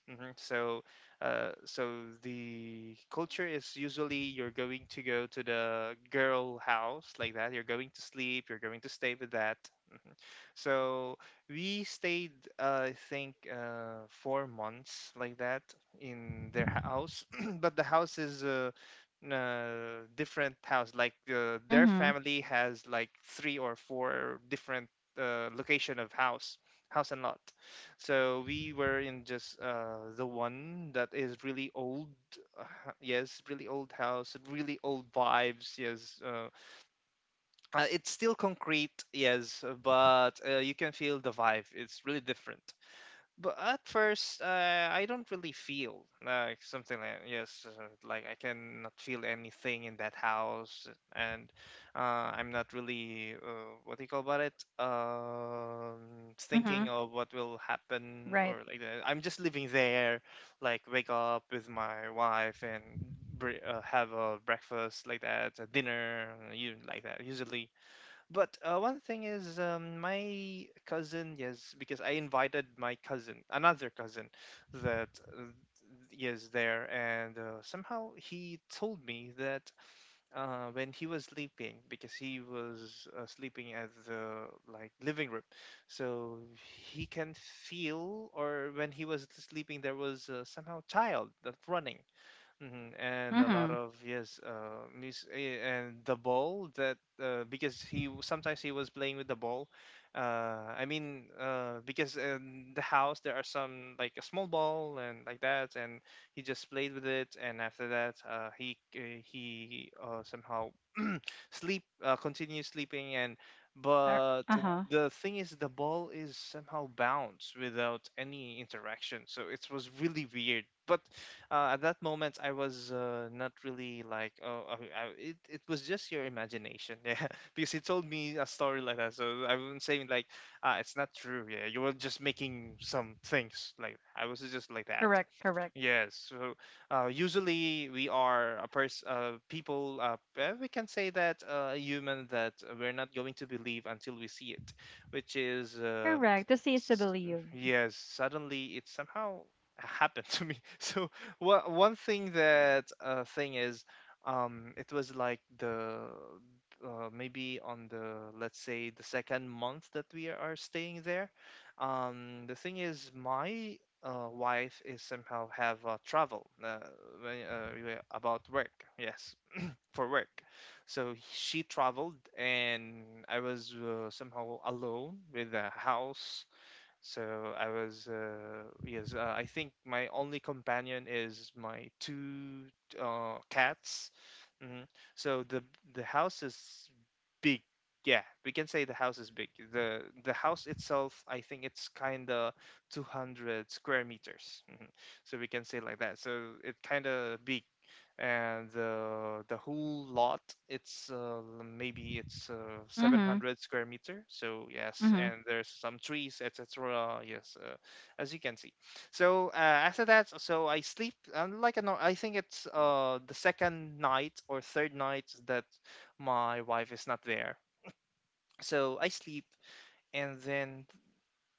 [SPEAKER 3] Hmm. So, so the culture is, usually you're going to go to the girl house, like that. You're going to sleep, you're going to stay with that. Hmm. So we stayed, I think, 4 months like that in their house. But the house is a different house. Like, their
[SPEAKER 1] Mm-hmm.
[SPEAKER 3] family has like three or four different location of house, house and lot. So we were in just, the one that is really old. Yes, really old house, really old vibes. Yes, it's still concrete, yes, but you can feel the vibe. It's really different. But at first, I don't really feel like something, like, yes, like, I cannot feel anything in that house, and I'm not really, what do you call about it?
[SPEAKER 1] Mm-hmm.
[SPEAKER 3] Thinking of what will happen
[SPEAKER 1] Right.
[SPEAKER 3] or like that. I'm just living there, like, wake up with my wife and. Have a breakfast like that, a dinner, you like that. Usually, but one thing is, my cousin, yes, because I invited my cousin, another cousin, that is there, and somehow he told me that when he was sleeping, because he was sleeping at the like living room, so he can feel, or when he was sleeping, there was somehow child that's running. Mhm, and a lot
[SPEAKER 1] Mm-hmm.
[SPEAKER 3] of yes, and the ball that because sometimes he was playing with the ball. Because in the house there are some like a small ball and like that, and he just played with it. And after that, he eh, he somehow sleep, continue sleeping. And but
[SPEAKER 1] Uh-huh.
[SPEAKER 3] the thing is, the ball is somehow bounced without any interaction, so it was really weird. But at that moment, I was not really like, oh, it was just your imagination, yeah. Because he told me a story like that, so I wasn't saying like, ah, it's not true, yeah. You were just making some things like I was just like that,
[SPEAKER 1] Correct, correct.
[SPEAKER 3] yes. So usually we are a person, people, we can say that a human that we're not going to believe until we see it, which is.
[SPEAKER 1] Correct. To see is to
[SPEAKER 3] S-
[SPEAKER 1] believe.
[SPEAKER 3] yes, suddenly it somehow happened to me. So one thing that thing is, it was like the maybe on the, let's say, the second month that we are staying there. The thing is, my wife is somehow have travel, yeah, about work, yes, for work. So she traveled and I was somehow alone with the house. So I was, I think my only companion is my two cats. Hmm. So the house is big. Yeah, we can say the house is big. The house itself, I think it's kind of 200 square meters. Hmm. So we can say like that. So it kind of big, and the whole lot, it's maybe it's
[SPEAKER 1] Mm-hmm.
[SPEAKER 3] 700 square meter. So yes,
[SPEAKER 1] Mm-hmm.
[SPEAKER 3] and there's some trees, etc., yes, as you can see. So after that, so I sleep, and like a no- I think it's the second night or third night that my wife is not there. So I sleep, and then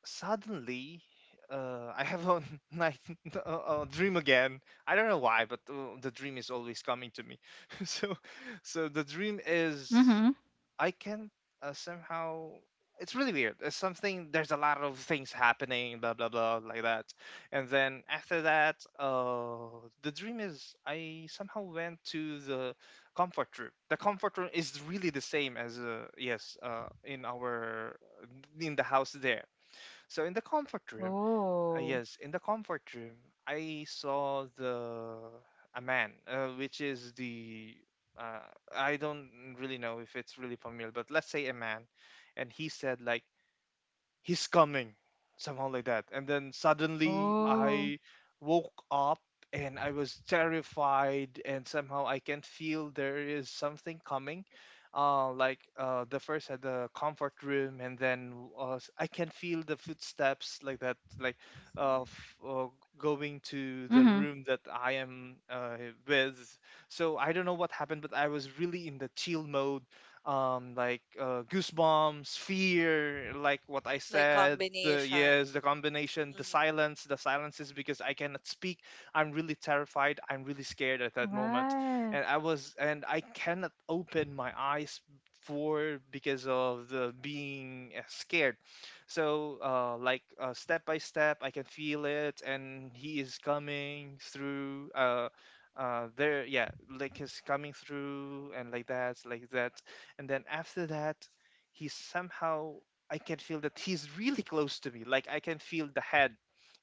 [SPEAKER 3] suddenly, I have a night, a dream again. I don't know why, but the dream is always coming to me. So, so the dream is
[SPEAKER 1] Mm-hmm.
[SPEAKER 3] I can somehow. It's really weird. It's something. There's a lot of things happening, blah blah blah, like that. And then after that, the dream is I somehow went to the comfort room. The comfort room is really the same as in our in the house there. So in the comfort room,
[SPEAKER 1] Oh.
[SPEAKER 3] yes, in the comfort room, I saw the a man, which is the uh, I don't really know if it's really familiar, but let's say a man, and he said like, he's coming somehow like that, and then suddenly
[SPEAKER 1] Oh.
[SPEAKER 3] I woke up, and I was terrified, and somehow I can feel there is something coming like the first at the comfort room, and then I can feel the footsteps like that, like uh, f- uh going to the
[SPEAKER 1] Mm-hmm.
[SPEAKER 3] room that I am with. So I don't know what happened, but I was really in the chill mode, like goosebumps, fear, like what I
[SPEAKER 2] like
[SPEAKER 3] said.
[SPEAKER 2] combination.
[SPEAKER 3] Yes, the combination,
[SPEAKER 2] Mhm.
[SPEAKER 3] the silence is because I cannot speak. I'm really terrified. I'm really scared at that moment,
[SPEAKER 1] Right.
[SPEAKER 3] and I was, and I cannot open my eyes for because of the being scared. So, like step by step, I can feel it, and he is coming through. There, yeah, like he's coming through, and like that, like that, and then after that, he somehow, I can feel that he's really close to me, like I can feel the head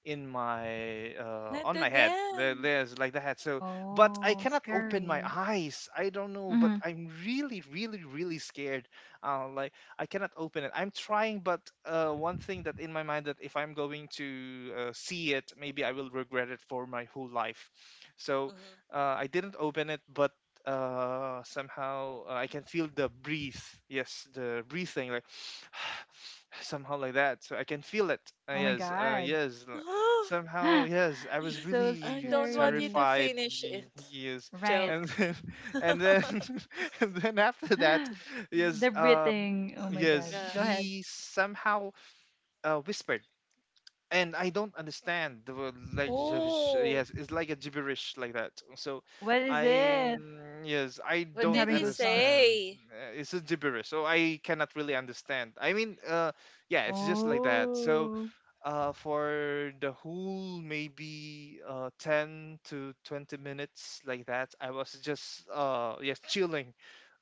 [SPEAKER 3] in my
[SPEAKER 2] And
[SPEAKER 3] on my head there,
[SPEAKER 2] again.
[SPEAKER 3] there's like the head. So but I
[SPEAKER 1] Oh,
[SPEAKER 3] cannot open my
[SPEAKER 1] scary.
[SPEAKER 3] eyes, I don't know, but
[SPEAKER 1] Mm-hmm.
[SPEAKER 3] I'm really really really scared, like I cannot open it, I'm trying. But one thing that in my mind, that if I'm going to see it, maybe I will regret it for my whole life. So I didn't open it. But somehow, I can feel the breathe, yes, the breathing like somehow like that, so I can feel it. uh,
[SPEAKER 1] Oh my
[SPEAKER 3] yes uh,
[SPEAKER 1] God.
[SPEAKER 3] yes l- Somehow, yes, I
[SPEAKER 1] It's
[SPEAKER 3] was
[SPEAKER 1] so
[SPEAKER 2] I
[SPEAKER 3] really
[SPEAKER 2] don't want you
[SPEAKER 1] scary.
[SPEAKER 2] to
[SPEAKER 3] terrified.
[SPEAKER 2] finish it.
[SPEAKER 3] Yes.
[SPEAKER 1] Right.
[SPEAKER 2] Joke.
[SPEAKER 3] And then and then and then after that, yes,
[SPEAKER 1] The breathing. Oh my god.
[SPEAKER 3] yes,
[SPEAKER 2] Yeah.
[SPEAKER 1] Go ahead.
[SPEAKER 3] he somehow whispered, and I don't understand the word, like gibberish.
[SPEAKER 2] Oh,
[SPEAKER 3] Yes, it's like a gibberish like that. So
[SPEAKER 1] What is
[SPEAKER 3] I,
[SPEAKER 1] it?
[SPEAKER 3] mm, yes, I
[SPEAKER 2] what
[SPEAKER 1] I'm
[SPEAKER 3] don't
[SPEAKER 2] did
[SPEAKER 1] having
[SPEAKER 2] he
[SPEAKER 1] goosebumps.
[SPEAKER 3] understand.
[SPEAKER 2] say?
[SPEAKER 3] It's a gibberish, so I cannot really understand. I mean, yeah, it's just like that. So
[SPEAKER 1] Oh.
[SPEAKER 3] for the whole maybe 10 to 20 minutes like that, I was just yes chilling,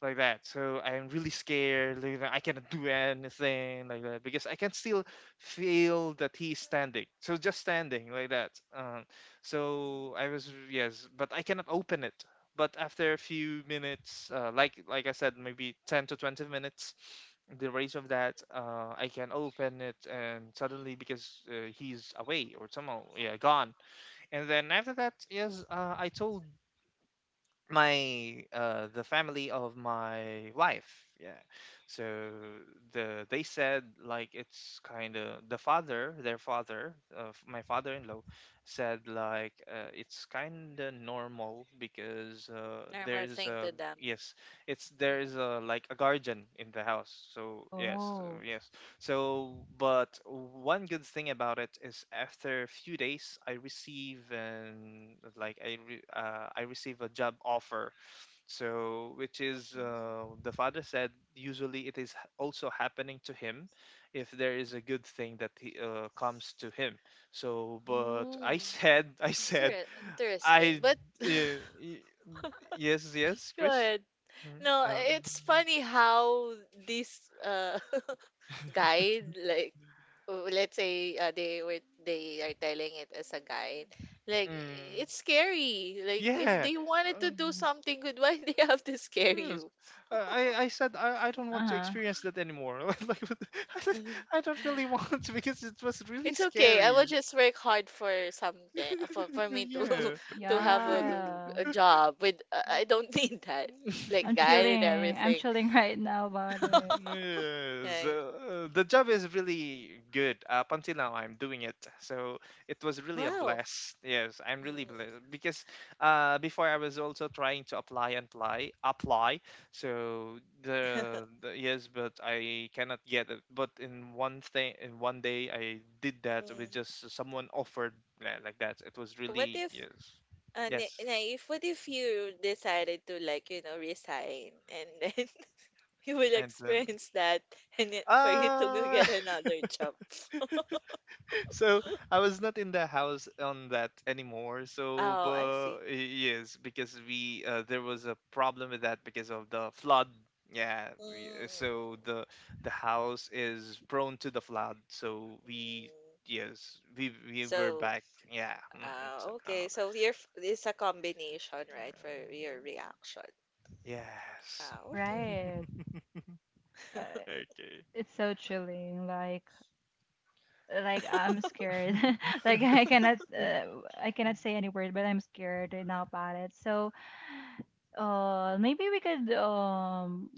[SPEAKER 3] like that. So I'm really scared, like, that I cannot do anything like that, because I can still feel that he's standing, so just standing like that, so I was, yes, but I cannot open it. But after a few minutes, like I said, maybe 10 to 20 minutes, the rage of that, I can open it, and suddenly, because he's away or somehow, yeah, gone. And then after that, yes, I told my the family of my wife, yeah. So the they said like it's kind of the father, their father, my father-in-law said like, it's kind of normal because
[SPEAKER 2] Normal
[SPEAKER 3] there's
[SPEAKER 2] thing
[SPEAKER 3] a,
[SPEAKER 2] to them.
[SPEAKER 3] yes, it's there's
[SPEAKER 2] Mhm.
[SPEAKER 3] a like a guardian in the house, so yes,
[SPEAKER 1] Oh.
[SPEAKER 3] yes. So, but one good thing about it is, after a few days, I receive an like I receive a job offer. So, which is
[SPEAKER 2] Mhm.
[SPEAKER 3] the father said usually it is also happening to him if there is a good thing that he, comes to him. So, but
[SPEAKER 2] Oh,
[SPEAKER 3] I said I
[SPEAKER 2] it's
[SPEAKER 3] said
[SPEAKER 2] interesting.
[SPEAKER 3] I
[SPEAKER 2] But
[SPEAKER 3] uh, y- yes, yes, Chris.
[SPEAKER 2] good.
[SPEAKER 3] Mm,
[SPEAKER 2] No,
[SPEAKER 3] um,
[SPEAKER 2] it's funny how these guide, like, let's say, they are telling it as a guide. Like,
[SPEAKER 3] mm,
[SPEAKER 2] it's scary. Like, if
[SPEAKER 3] yeah.
[SPEAKER 2] they wanted to do
[SPEAKER 3] Um,
[SPEAKER 2] something good, why they have to scare
[SPEAKER 3] yes.
[SPEAKER 2] you?
[SPEAKER 3] I said I don't want to
[SPEAKER 1] Uh-huh.
[SPEAKER 3] experience that anymore. Like what the- I don't I don't really want to, because it was really
[SPEAKER 2] It's okay, I will
[SPEAKER 3] scary.
[SPEAKER 2] just work hard for something, for me to
[SPEAKER 3] Yeah.
[SPEAKER 2] to have a, g-
[SPEAKER 1] Yeah.
[SPEAKER 2] a job with, I don't need that like
[SPEAKER 1] I'm
[SPEAKER 2] guide and
[SPEAKER 1] chilling. I'm
[SPEAKER 2] everything.
[SPEAKER 1] chilling right now about it.
[SPEAKER 3] Yes,
[SPEAKER 2] Right.
[SPEAKER 3] the job is really good. Up until now, I'm doing it, so it was really a
[SPEAKER 2] Wow.
[SPEAKER 3] bless. Yes, I'm
[SPEAKER 2] Mm.
[SPEAKER 3] really blessed because before I was also trying to apply and apply, apply. So the, the yes, but I cannot get it. But in one thing, in one day, I did that with
[SPEAKER 2] Mm.
[SPEAKER 3] just someone offered, like that. It was
[SPEAKER 2] what
[SPEAKER 3] really
[SPEAKER 2] if
[SPEAKER 3] yes, yes.
[SPEAKER 2] Naif, what if you decided to, like, resign, and then you will
[SPEAKER 3] And then
[SPEAKER 2] experience that, and then for you to go
[SPEAKER 3] uh
[SPEAKER 2] get another job?
[SPEAKER 3] So I was not in the house on that anymore. So,
[SPEAKER 2] Oh, I
[SPEAKER 3] but
[SPEAKER 2] see.
[SPEAKER 3] yes, because we there was a problem with that because of the flood. Yeah,
[SPEAKER 2] Mm.
[SPEAKER 3] so the house is prone to the flood. So we
[SPEAKER 2] Mm.
[SPEAKER 3] yes, we were
[SPEAKER 2] So,
[SPEAKER 3] back. Yeah, mm-mm, somehow.
[SPEAKER 2] okay. So it's a combination, right, for
[SPEAKER 3] Yeah.
[SPEAKER 2] your reaction.
[SPEAKER 3] Yes.
[SPEAKER 2] Ah, okay.
[SPEAKER 1] Right. Uh,
[SPEAKER 3] Okay.
[SPEAKER 1] it's so chilling. Like I'm scared. Like I cannot say any word, but I'm scared right now about it. So maybe we could um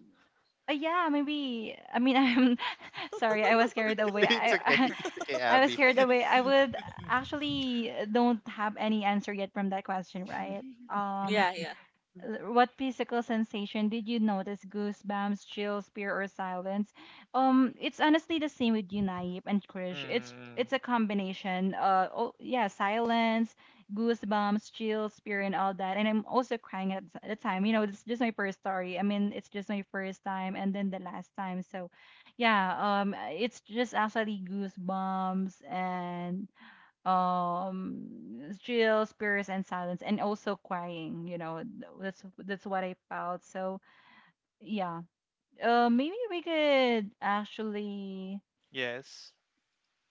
[SPEAKER 1] uh, yeah, maybe, I mean, I'm sorry, I was carried away.
[SPEAKER 3] It's okay.
[SPEAKER 1] I
[SPEAKER 3] It's okay,
[SPEAKER 1] I was
[SPEAKER 3] Abby.
[SPEAKER 1] carried away. I would actually don't have any answer yet from that question, right? Um,
[SPEAKER 2] Yeah, yeah.
[SPEAKER 1] what physical sensation did you notice? Goosebumps, chills, fear, or silence? It's honestly the same with you, Naip and Krish. It's
[SPEAKER 3] Mm,
[SPEAKER 1] it's a combination. Oh yeah, silence, goosebumps, chills, fear, and all that. And I'm also crying at the time. You know, it's just my first story. I mean, it's just my first time, and then the last time. So, yeah. It's just actually goosebumps and still spirits and silence and also crying, you know, that's what I felt. So yeah, maybe we could actually,
[SPEAKER 3] yes.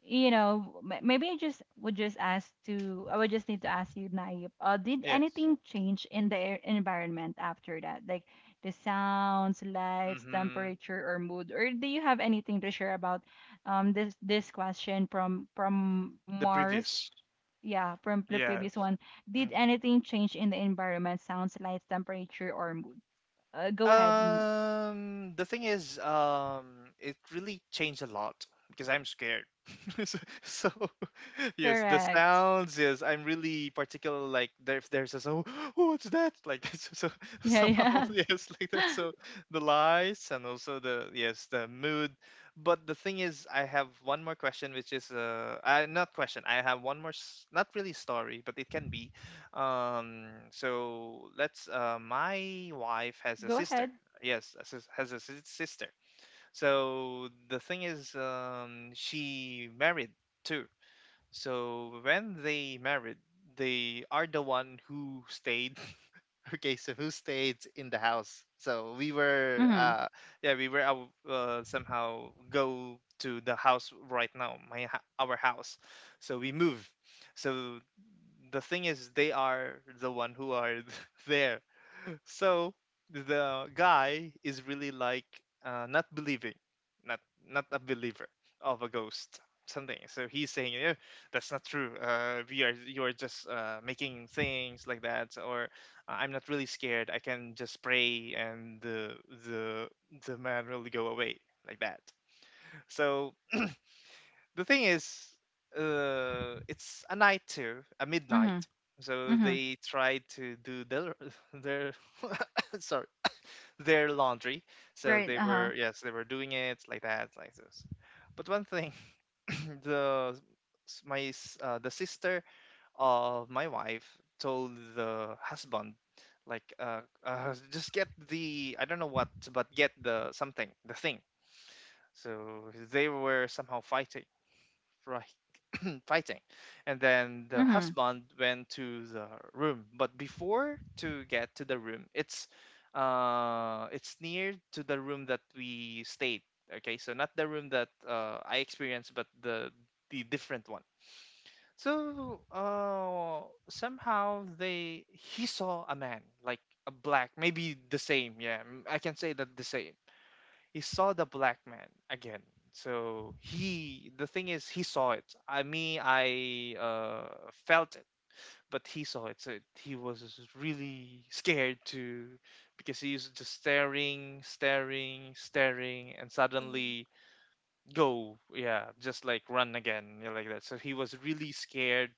[SPEAKER 1] you know, maybe I just would just ask to, I would just need to ask you, Naip, uh, did
[SPEAKER 3] Yes.
[SPEAKER 1] anything change in the air environment after that, like the sounds, lights,
[SPEAKER 3] Mm-hmm.
[SPEAKER 1] temperature, or mood? Or do you have anything to share about this this question from
[SPEAKER 3] The
[SPEAKER 1] Mars?
[SPEAKER 3] previous.
[SPEAKER 1] Yeah, from the
[SPEAKER 3] Yes.
[SPEAKER 1] previous one. Did
[SPEAKER 3] Mm-hmm.
[SPEAKER 1] anything change in the environment? Sounds like temperature or mood. Go ahead. Mm,
[SPEAKER 3] The thing is, it really changed a lot because I'm scared. So, so, yes, the
[SPEAKER 1] correct.
[SPEAKER 3] sounds, yes, I'm really particular. Like, there, if there's a so, what's that? Like that. So, so
[SPEAKER 1] Yeah,
[SPEAKER 3] somehow,
[SPEAKER 1] yeah.
[SPEAKER 3] yes, like that. So the lights and also the yes, the mood. But the thing is, I have one more question, which is I not question. I have one more, not really story, but it can be. So let's. My wife has a
[SPEAKER 1] Go
[SPEAKER 3] sister.
[SPEAKER 1] ahead.
[SPEAKER 3] Yes, a sis- has a sis- sister. So the thing is, she married too. So when they married, they are the one who stayed. Okay, so who stayed in the house? So we were,
[SPEAKER 1] Mhm.
[SPEAKER 3] yeah, we were out, somehow go to the house right now, our house. So we move. So the thing is, they are the one who are there. So the guy is really like not believing, not not a believer of a ghost something. So he's saying, "Eh, that's not true, we are you are just making things like that, or I'm not really scared, I can just pray, and the the man will go away," like that. So the thing is, it's a night too, a midnight.
[SPEAKER 1] Mhm.
[SPEAKER 3] So
[SPEAKER 1] Mhm.
[SPEAKER 3] they tried to do their their sorry their laundry. So
[SPEAKER 1] Right.
[SPEAKER 3] they
[SPEAKER 1] Uh huh.
[SPEAKER 3] were yes they were doing it like that like this. But one thing, the the sister of my wife told the husband like uh, just get the, I don't know what, but get the something, the thing. So they were somehow fighting, right? Fighting, and then the
[SPEAKER 1] Mhm.
[SPEAKER 3] husband went to the room. But before to get to the room, it's near to the room that we stayed. Okay, so not the room that I experienced, but the different one. So somehow they he saw a man like a black, maybe the same. Yeah, mm, I can say that the same. He saw the black man again. So he the thing is, he saw it. I mean, I felt it, but he saw it. So it, he was really scared to, because he's just staring staring and
[SPEAKER 2] Mm,
[SPEAKER 3] suddenly go, yeah, just like run again, yeah, like that. So he was really scared,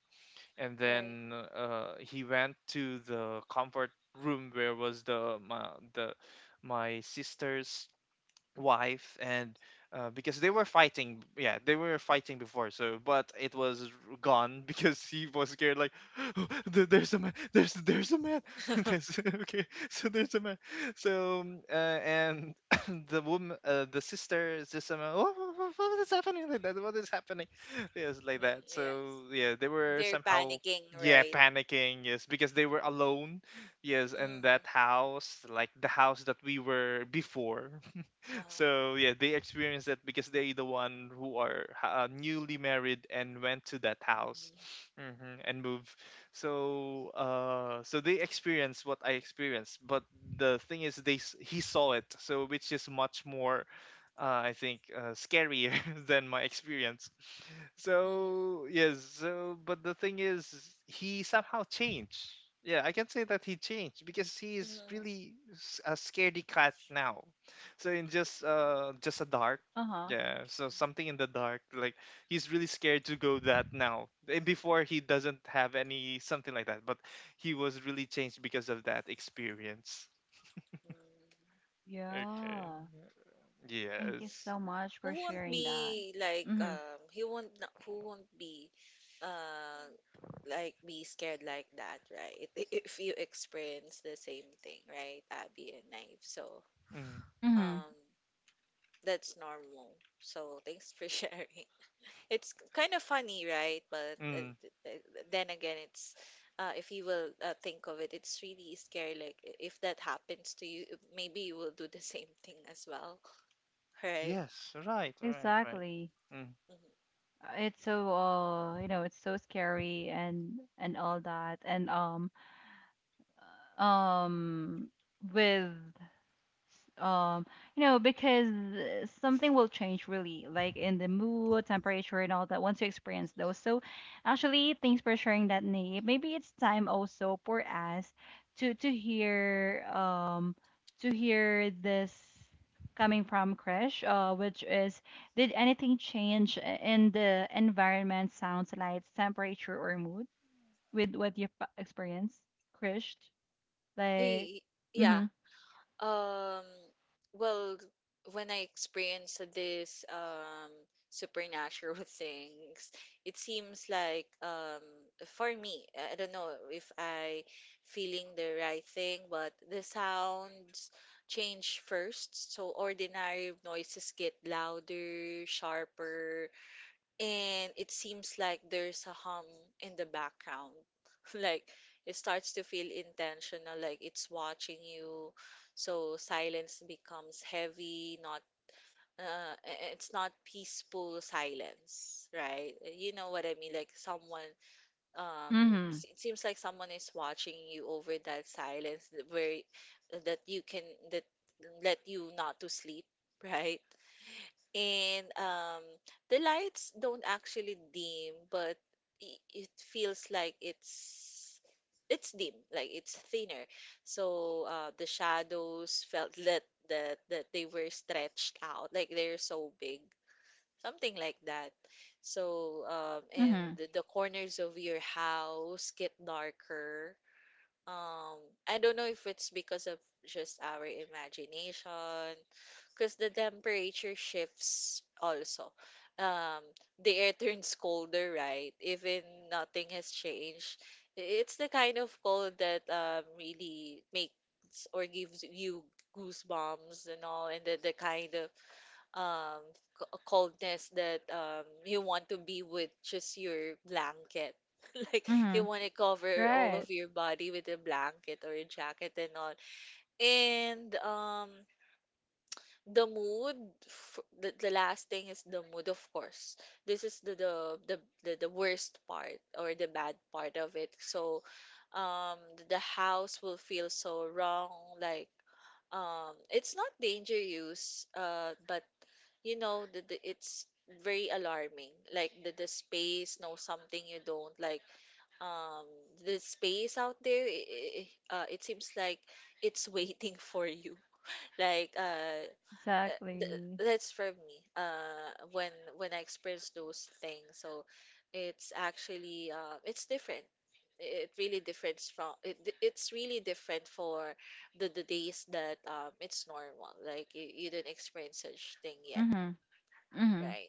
[SPEAKER 3] and
[SPEAKER 2] right.
[SPEAKER 3] then he went to the comfort room where was the my sister's wife. And because they were fighting, yeah, they were fighting before. So but it was gone because he was scared, like "There- there's a man, there's a man there's, okay, so there's a man." So and the woman, the sister is just a man, "Wha- wha- wha- what is happening, like that, what is happening?" Yes, like
[SPEAKER 2] Mm,
[SPEAKER 3] that. So
[SPEAKER 2] yes.
[SPEAKER 3] yeah, they were
[SPEAKER 2] They're
[SPEAKER 3] somehow,
[SPEAKER 2] panicking,
[SPEAKER 3] yeah,
[SPEAKER 2] right?
[SPEAKER 3] panicking. Yes, because they were alone, yes, in
[SPEAKER 2] Mm,
[SPEAKER 3] that house, like the house that we were before.
[SPEAKER 2] uh-huh.
[SPEAKER 3] So yeah, they experience that because they the one who are newly married and went to that house.
[SPEAKER 2] Mm,
[SPEAKER 3] Hmm, and move. So so they experience what I experienced, but the thing is, he saw it, so which is much more I think scarier than my experience.
[SPEAKER 2] mhm,
[SPEAKER 3] So yes, so but the thing is, he somehow changed. Yeah, I can say that he changed, because he is
[SPEAKER 2] mhm,
[SPEAKER 3] really a scaredy cat now. So in just just a dark,
[SPEAKER 1] Uh huh.
[SPEAKER 3] yeah, so something in the dark, like he's really scared to go that now. Eh, before he doesn't have any something like that, but he was really changed because of that experience.
[SPEAKER 2] mm.
[SPEAKER 3] Okay.
[SPEAKER 1] Yeah. Thank you
[SPEAKER 3] Yes.
[SPEAKER 1] so much for
[SPEAKER 2] Who won't
[SPEAKER 1] sharing that.
[SPEAKER 2] be, like,
[SPEAKER 1] Mhm.
[SPEAKER 2] he won't na- who won't be uh like be scared like that, right? If you experience the same thing, right, Abby and Knife? So
[SPEAKER 3] Mm.
[SPEAKER 1] Mhm.
[SPEAKER 2] um that's normal. So thanks for sharing. It's kind of funny, right? But
[SPEAKER 3] Mm.
[SPEAKER 2] then again, it's, if you will think of it, it's really scary. Like, if that happens to you, maybe you will do the same thing as well, right?
[SPEAKER 3] Yes, right, right, right.
[SPEAKER 1] Exactly.
[SPEAKER 3] Mm.
[SPEAKER 2] Hmm.
[SPEAKER 1] It's so you know, it's so scary and all that, and uh, um with um you know, because something will change really like in the mood, temperature, and all that once you experience those. So actually thanks for sharing that, name. Maybe it's time also for us to to hear um to hear this coming from Krish. Uh, which is, did anything change in the environment? Sounds, lights, temperature, or mood, with what you've experienced, crash, like,
[SPEAKER 2] Hey, yeah.
[SPEAKER 1] mm-hmm,
[SPEAKER 2] Um, well, when I experienced this supernatural things, it seems like, for me, I don't know if I feeling the right thing, but the sounds change first. So ordinary noises get louder, sharper, and it seems like there's a hum in the background. Like it starts to feel intentional, like it's watching you. So silence becomes heavy, not, it's not peaceful silence, right? You know what I mean? Like someone, um,
[SPEAKER 1] mm-hmm,
[SPEAKER 2] it seems like someone is watching you over that silence, that where that you can, that let you not to sleep, right? And, the lights don't actually dim, but it feels like it's dim, like it's thinner. So, the shadows felt that that they were stretched out, like they're so big, something like that. So, and
[SPEAKER 1] mm-hmm,
[SPEAKER 2] the corners of your house get darker. Um, I don't know if it's because of just our imagination, because the temperature shifts also. Um, the air turns colder, right? Even nothing has changed. It's the kind of cold that, really makes or gives you goosebumps and all, and the kind of, um, coldness that, you want to be with just your blanket. Like you
[SPEAKER 1] mm-hmm.
[SPEAKER 2] want to cover all
[SPEAKER 1] Right.
[SPEAKER 2] of your body with a blanket or a jacket and all. And, the mood, the last thing is the mood, of course. This is the worst part or the bad part of it. So, the house will feel so wrong. Like, it's not danger use, uh, but you know, the it's very alarming, like the space know something you don't like. um the space out there, it seems like it's waiting for you, like, uh, th-
[SPEAKER 1] Exactly.
[SPEAKER 2] that's for me, when when I experience those things. So it's actually, it's different. It really differs from it, it's really different for the days that, it's normal, like you didn't experience such thing yet,
[SPEAKER 1] Mhm. Mhm.
[SPEAKER 2] right?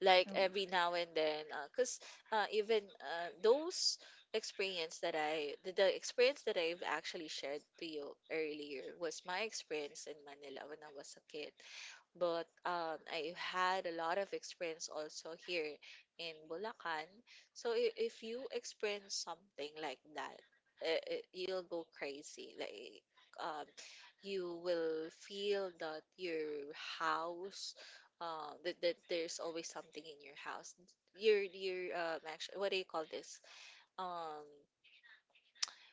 [SPEAKER 2] Like every now and then, because, even, those experience that I, the experience that I've actually shared to you earlier was my experience in Manila when I was a kid. But, I had a lot of experience also here in Bulacan. So, if you experience something like that, you'll go crazy. Like, um, you will feel that your house, that, that there's always something in your house. Your actually, what do you call this? Um,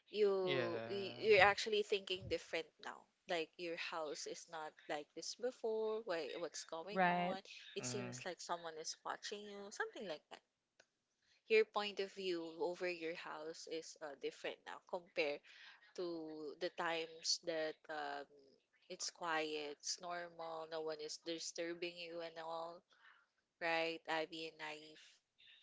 [SPEAKER 2] you
[SPEAKER 3] Yeah.
[SPEAKER 2] you're actually thinking different now, like your house is not like this before. Why, what's going
[SPEAKER 1] Right.
[SPEAKER 2] on? It
[SPEAKER 3] Mm.
[SPEAKER 2] seems like someone is watching you, something like that. Your point of view over your house is, different now, compared to the times that, it's quiet, it's normal, no one is disturbing you and all, right, Ivy and Naive?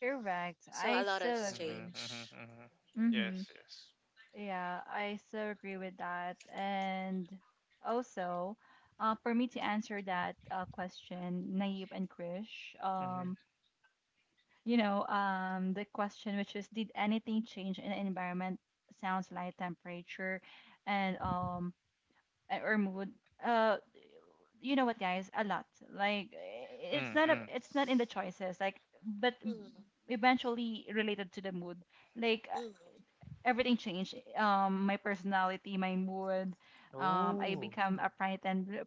[SPEAKER 1] Correct.
[SPEAKER 2] So
[SPEAKER 1] I
[SPEAKER 2] a lot
[SPEAKER 1] so
[SPEAKER 2] has
[SPEAKER 3] Mm-hmm,
[SPEAKER 1] agree.
[SPEAKER 2] changed.
[SPEAKER 3] mm-hmm, mm-hmm.
[SPEAKER 1] Mm-hmm.
[SPEAKER 3] Yes, yes.
[SPEAKER 1] Yeah, I so agree with that. And also, for me to answer that question, Naive and Krish,
[SPEAKER 3] Mm-hmm.
[SPEAKER 1] you know, the question which is, did anything change in the environment? Sounds like temperature and or mood, uh you know what, guys, a lot. Like it's
[SPEAKER 3] Mm,
[SPEAKER 1] not a,
[SPEAKER 3] mm.
[SPEAKER 1] it's not in the choices, like, but
[SPEAKER 2] Mm,
[SPEAKER 1] eventually related to the mood, like,
[SPEAKER 2] mm,
[SPEAKER 1] everything changed. My personality, my mood. I
[SPEAKER 3] Oh.
[SPEAKER 1] become upright and uh,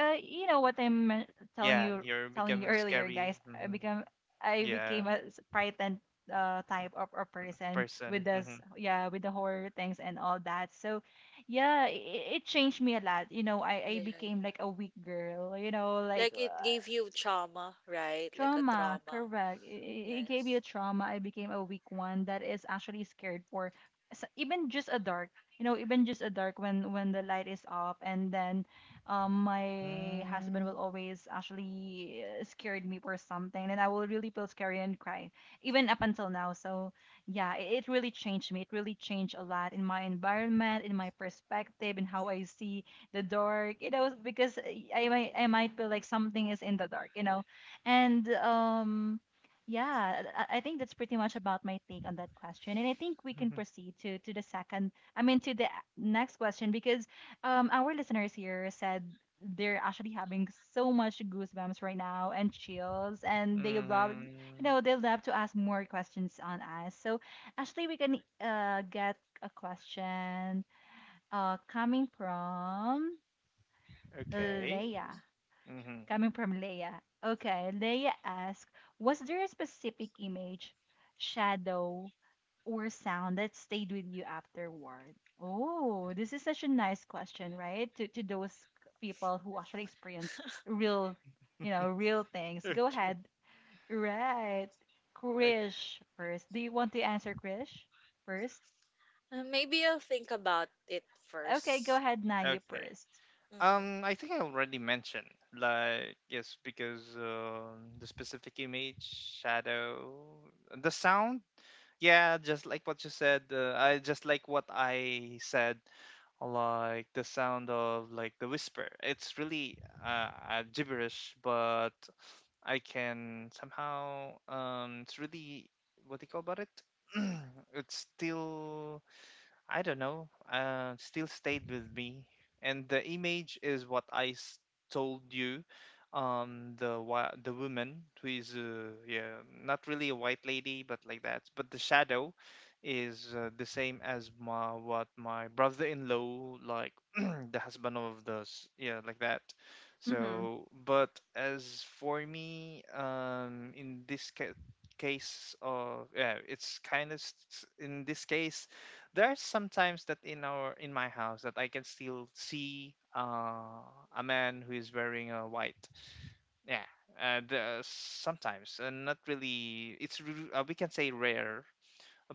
[SPEAKER 1] uh, you know what I'm telling
[SPEAKER 3] Yeah,
[SPEAKER 1] you,
[SPEAKER 3] you're
[SPEAKER 1] telling you
[SPEAKER 3] becoming
[SPEAKER 1] earlier,
[SPEAKER 3] scary.
[SPEAKER 1] guys.
[SPEAKER 3] Mm-hmm.
[SPEAKER 1] I
[SPEAKER 3] Yeah.
[SPEAKER 1] became a upright and, type of a
[SPEAKER 3] Mm,
[SPEAKER 1] person with
[SPEAKER 3] person.
[SPEAKER 1] this,
[SPEAKER 3] Mhm.
[SPEAKER 1] yeah, with the horror things and all that. So yeah, it changed me a lot. You know, I
[SPEAKER 2] yeah.
[SPEAKER 1] became like a weak girl. You know, like.
[SPEAKER 2] Like it
[SPEAKER 1] Uh,
[SPEAKER 2] gave you trauma, right? Like a
[SPEAKER 1] trauma,
[SPEAKER 2] trauma.
[SPEAKER 1] correct. It gave you a
[SPEAKER 2] Yes.
[SPEAKER 1] trauma. I became a weak one that is actually scared for even just a dark. You know, even just a dark, when the light is off, and then my husband
[SPEAKER 3] Mm.
[SPEAKER 1] will always actually scared me for something, and I will really feel scary and cry, even up until now. So yeah, it really changed me. It really changed a lot in my environment, in my perspective, in how I see the dark. You know, because I might feel like something is in the dark. You know and yeah, I think that's pretty much about my take on that question. And I think we can
[SPEAKER 3] Mhm.
[SPEAKER 1] proceed to the second, I mean, to the next question because our listeners here said they're actually having so much goosebumps right now and chills, and they love, you
[SPEAKER 3] Mhm.
[SPEAKER 1] know, they love to ask more questions on us. So actually, we can get a question coming from
[SPEAKER 3] Okay.
[SPEAKER 1] Leia.
[SPEAKER 3] Mhm.
[SPEAKER 1] Coming from Leia. Okay, Leia asked, was there a specific image, shadow, or sound that stayed with you afterward? Oh, this is such a nice question, right? to those people who actually experience real, you know, real things. Go
[SPEAKER 3] Okay.
[SPEAKER 1] ahead. Right.
[SPEAKER 3] O-
[SPEAKER 1] Krish first. Do you want to answer
[SPEAKER 2] Mm.
[SPEAKER 1] Krish first?
[SPEAKER 2] Maybe I'll think about it
[SPEAKER 1] Okay, go
[SPEAKER 2] first.
[SPEAKER 1] ahead, Naya
[SPEAKER 3] Okay.
[SPEAKER 1] first.
[SPEAKER 3] I think I already mentioned, like, yes, because the specific image, shadow, the sound. Yeah, just like what you said. I just like what I said, like the sound of like the whisper. It's really gibberish, but I can somehow it's really, what do you call about it? It's still, I don't know, still stayed with me. And the image is what told you, the woman who is yeah, not really a white lady, but like that. But the shadow is the same as my, what my brother-in-law, like the husband of yeah, like that.
[SPEAKER 1] Mm-hmm.
[SPEAKER 3] So, but as for me, in case of, yeah, it's kind of, in this case, there's sometimes that in our in my house that I can still see a man who is wearing a white. Yeah, the, sometimes, and not really. It's we can say rare,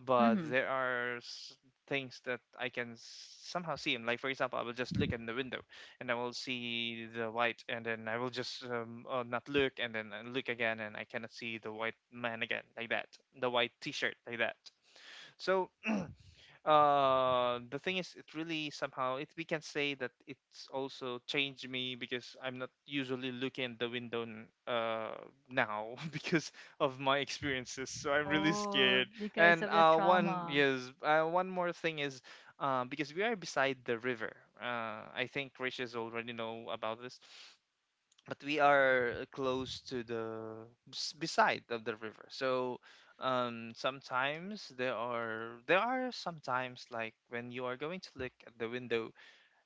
[SPEAKER 3] but
[SPEAKER 1] Mm-hmm.
[SPEAKER 3] there are s- things that I can somehow see him. Like for example, I will just look in the window and I will see the white, and then I will just not look, and then I look again, and I cannot see the white man again, like that, the white T-shirt, like that. So the thing is, it really somehow, it we can say that it's also changed me, because I'm not usually looking at the window now because of my experiences, so I'm really
[SPEAKER 1] Oh,
[SPEAKER 3] scared.
[SPEAKER 1] because
[SPEAKER 3] And
[SPEAKER 1] of the
[SPEAKER 3] one,
[SPEAKER 1] trauma.
[SPEAKER 3] yes, one more thing is, because we are beside the river. I think Rich is already know about this, but we are close to the beside of the river. So um, sometimes there are, sometimes like when you are going to look at the window,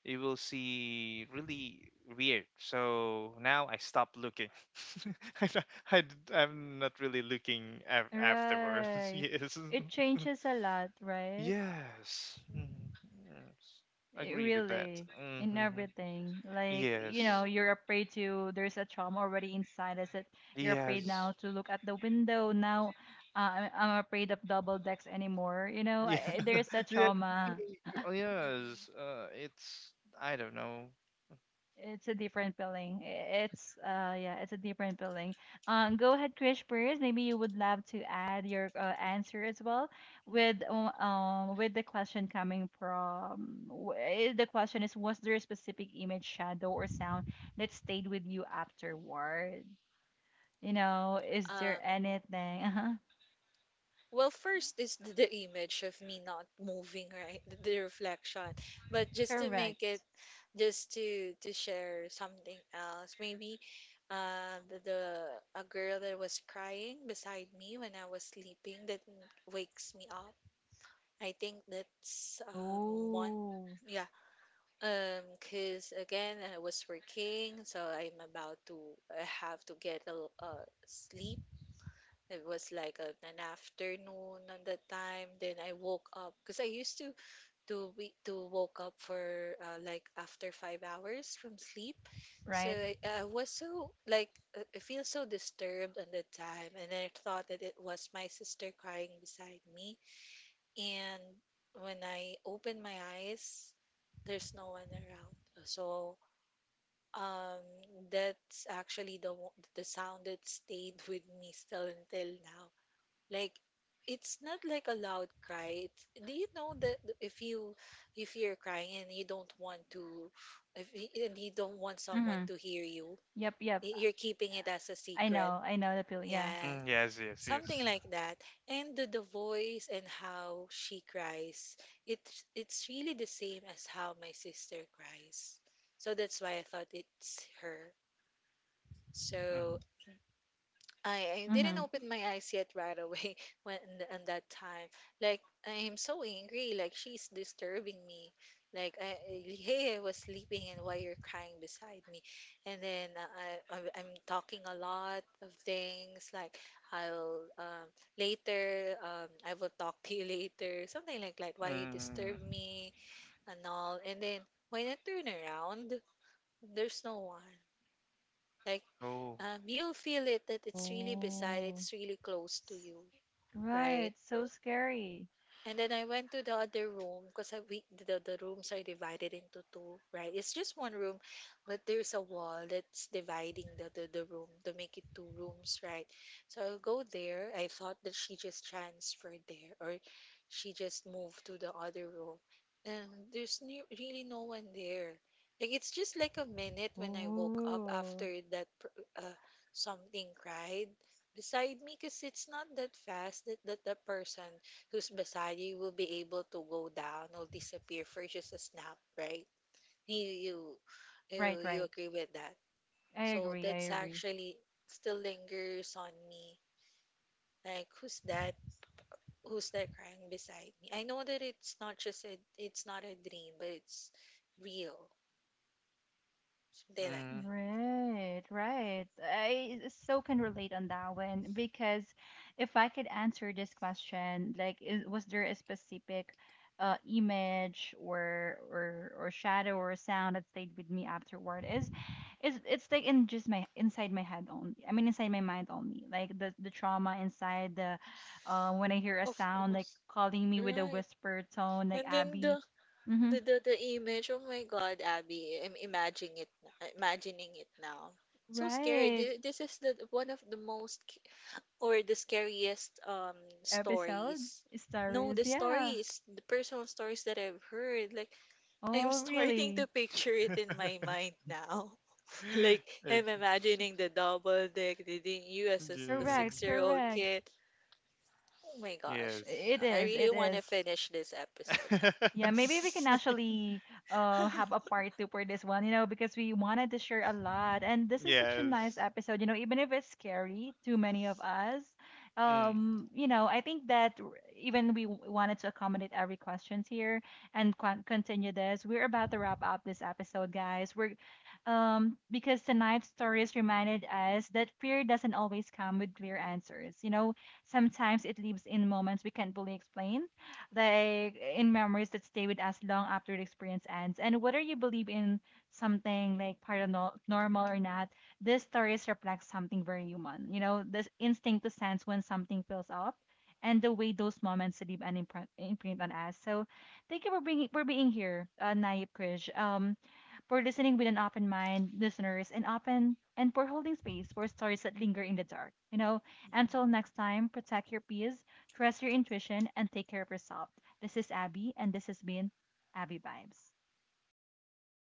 [SPEAKER 3] you will see really weird. So now I stop looking I, don't- I'm not really looking afterwards.
[SPEAKER 1] Right.
[SPEAKER 3] Yes.
[SPEAKER 1] It changes a lot, right?
[SPEAKER 3] Yes. Mhm. Yes,
[SPEAKER 1] It
[SPEAKER 3] agree with that.
[SPEAKER 1] really in
[SPEAKER 3] Hmm.
[SPEAKER 1] everything. Like, you know,
[SPEAKER 3] Yes,
[SPEAKER 1] you're afraid to there's a trauma already inside us that you're afraid now
[SPEAKER 3] yes,
[SPEAKER 1] to look at the window. Now I'm afraid of double decks anymore. You know,
[SPEAKER 3] yes.
[SPEAKER 2] Mhm.
[SPEAKER 1] there's a
[SPEAKER 3] Yeah,
[SPEAKER 1] trauma.
[SPEAKER 3] y- oh,
[SPEAKER 2] Mhm.
[SPEAKER 3] yes. It's, I don't know.
[SPEAKER 1] It's a different feeling. It's yeah, it's a different feeling. Go ahead, Krish, first. Maybe you would love to add your answer as well with the question coming from the question is was there a specific image, shadow, or sound that stayed with you afterward? You know, is there
[SPEAKER 2] Um,
[SPEAKER 1] anything? Uh-huh.
[SPEAKER 2] well, first is the image of me not moving, right? The reflection. But just to make
[SPEAKER 1] Correct.
[SPEAKER 2] it, just to share something else, maybe, the a girl that was crying beside me when I was sleeping, that wakes me up. I think that's, one.
[SPEAKER 1] Oh,
[SPEAKER 2] Yeah, because again, I was working, so I have to get a sleep. It was like an afternoon at that time. Then I woke up because I used to woke up for, like, after 5 hours from sleep. So
[SPEAKER 1] right.
[SPEAKER 2] I was so like, I feel so disturbed at the time, and I thought that it was my sister crying beside me. And when I open my eyes, there's no one around. So, um, that's actually the the sound that stayed with me still until now. Like it's not like a loud cry. It's, do you know that if you— if you're crying and you don't want to— if y- and you don't want someone
[SPEAKER 1] Mm-hmm.
[SPEAKER 2] to hear you,
[SPEAKER 1] Yep, yep.
[SPEAKER 2] you're keeping it as a secret.
[SPEAKER 1] I know the feeling. Yeah.
[SPEAKER 2] Yes,
[SPEAKER 3] Mm, yes, yes,
[SPEAKER 2] something
[SPEAKER 3] yes.
[SPEAKER 2] like that. And the voice and how she cries, it's really the same as how my sister cries. So that's why I thought it's her.
[SPEAKER 3] Mm-hmm.
[SPEAKER 2] So I didn't
[SPEAKER 1] Mm-hmm.
[SPEAKER 2] open my eyes yet right away when and that time. Like I'm so angry. Like she's disturbing me. Like hey, I was sleeping, and why you're crying beside me? And then, I'm talking a lot of things. Like I'll, later, I will talk to you later. Something like that. Why you disturb
[SPEAKER 3] Mm,
[SPEAKER 2] me and all. And then when I turn around, there's no one. Like,
[SPEAKER 3] oh.
[SPEAKER 2] you'll feel it that it's really beside,
[SPEAKER 1] Oh.
[SPEAKER 2] it's really close to you,
[SPEAKER 1] Right.
[SPEAKER 2] right?
[SPEAKER 1] So scary.
[SPEAKER 2] And then I went to the other room because the rooms are divided into two, right? It's just one room, but there's a wall that's dividing the room to make it two rooms, right? So I'll go there. I thought that she just transferred there, or she just moved to the other room. And there's ne really no one there. Like it's just like a minute when I woke up
[SPEAKER 1] Ooh.
[SPEAKER 2] after that, something cried beside me, because it's not that fast that, that the person who's beside you will be able to go down or disappear for just a snap, right? You you you,
[SPEAKER 1] Right,
[SPEAKER 2] you
[SPEAKER 1] right.
[SPEAKER 2] agree with that.
[SPEAKER 1] I
[SPEAKER 2] So
[SPEAKER 1] agree.
[SPEAKER 2] that's
[SPEAKER 1] I agree.
[SPEAKER 2] actually still lingers on me. Like, who's that? Who's that crying beside me? I know that it's not just a it's not a dream, but it's real. Something like
[SPEAKER 3] Mm.
[SPEAKER 2] that.
[SPEAKER 1] Right, right. I so can relate on that one because if I could answer this question, like, is, was there a specific image or or shadow or sound that stayed with me afterward? Is it's like in just my inside my head only. I mean, inside my mind only. Like the trauma inside the when I hear a
[SPEAKER 2] Of
[SPEAKER 1] sound like
[SPEAKER 2] course.
[SPEAKER 1] calling me with a
[SPEAKER 2] Right.
[SPEAKER 1] whisper tone, like
[SPEAKER 2] And then
[SPEAKER 1] Abby.
[SPEAKER 2] the,
[SPEAKER 1] Mm-hmm.
[SPEAKER 2] the image, oh my God, Abby, I'm imagining it now. So scary.
[SPEAKER 1] Right.
[SPEAKER 2] This is the one of the most, or the scariest,
[SPEAKER 1] Episode
[SPEAKER 2] stories. No, the
[SPEAKER 1] stories. Yeah.
[SPEAKER 2] stories, the personal stories that I've heard. Like, I'm
[SPEAKER 1] Oh,
[SPEAKER 2] starting to
[SPEAKER 1] really?
[SPEAKER 2] picture it in my mind now. Like
[SPEAKER 3] I
[SPEAKER 2] I'm imagining the double dick, the thing you as a
[SPEAKER 3] can
[SPEAKER 1] Correct,
[SPEAKER 2] 6-year-old
[SPEAKER 1] correct.
[SPEAKER 2] kid. Oh my gosh,
[SPEAKER 1] I-
[SPEAKER 3] Yes.
[SPEAKER 1] it
[SPEAKER 2] I
[SPEAKER 1] is,
[SPEAKER 2] really
[SPEAKER 1] it
[SPEAKER 2] want to
[SPEAKER 1] is.
[SPEAKER 2] finish this episode now.
[SPEAKER 1] Yeah, maybe we can actually have a part two for this one, you know, because we wanted to share a lot. And this is such a nice
[SPEAKER 3] Yes.
[SPEAKER 1] episode, you know, even if it's scary to many of us.
[SPEAKER 3] Mm.
[SPEAKER 1] You know, I think that even we wanted to accommodate every questions here and continue this. We're about to wrap up this episode, guys. We're because tonight's stories reminded us that fear doesn't always come with clear answers. You know, sometimes it lives in moments we can't fully explain like in memories that stay with us long after the experience ends. And whether you believe in something like paranormal or not, these stories reflect something very human. You know, this instinct to sense when something feels off. And the way those moments leave an imprint, imprint on us. So, thank you for being here, Nayib Krish. For listening with an open mind, listeners, and open and for holding space for stories that linger in the dark. You know,
[SPEAKER 2] Mhm.
[SPEAKER 1] until next time, protect your peace, trust your intuition, and take care of yourself. This is Abby, and this has been Abby Vibes.
[SPEAKER 2] Thank you.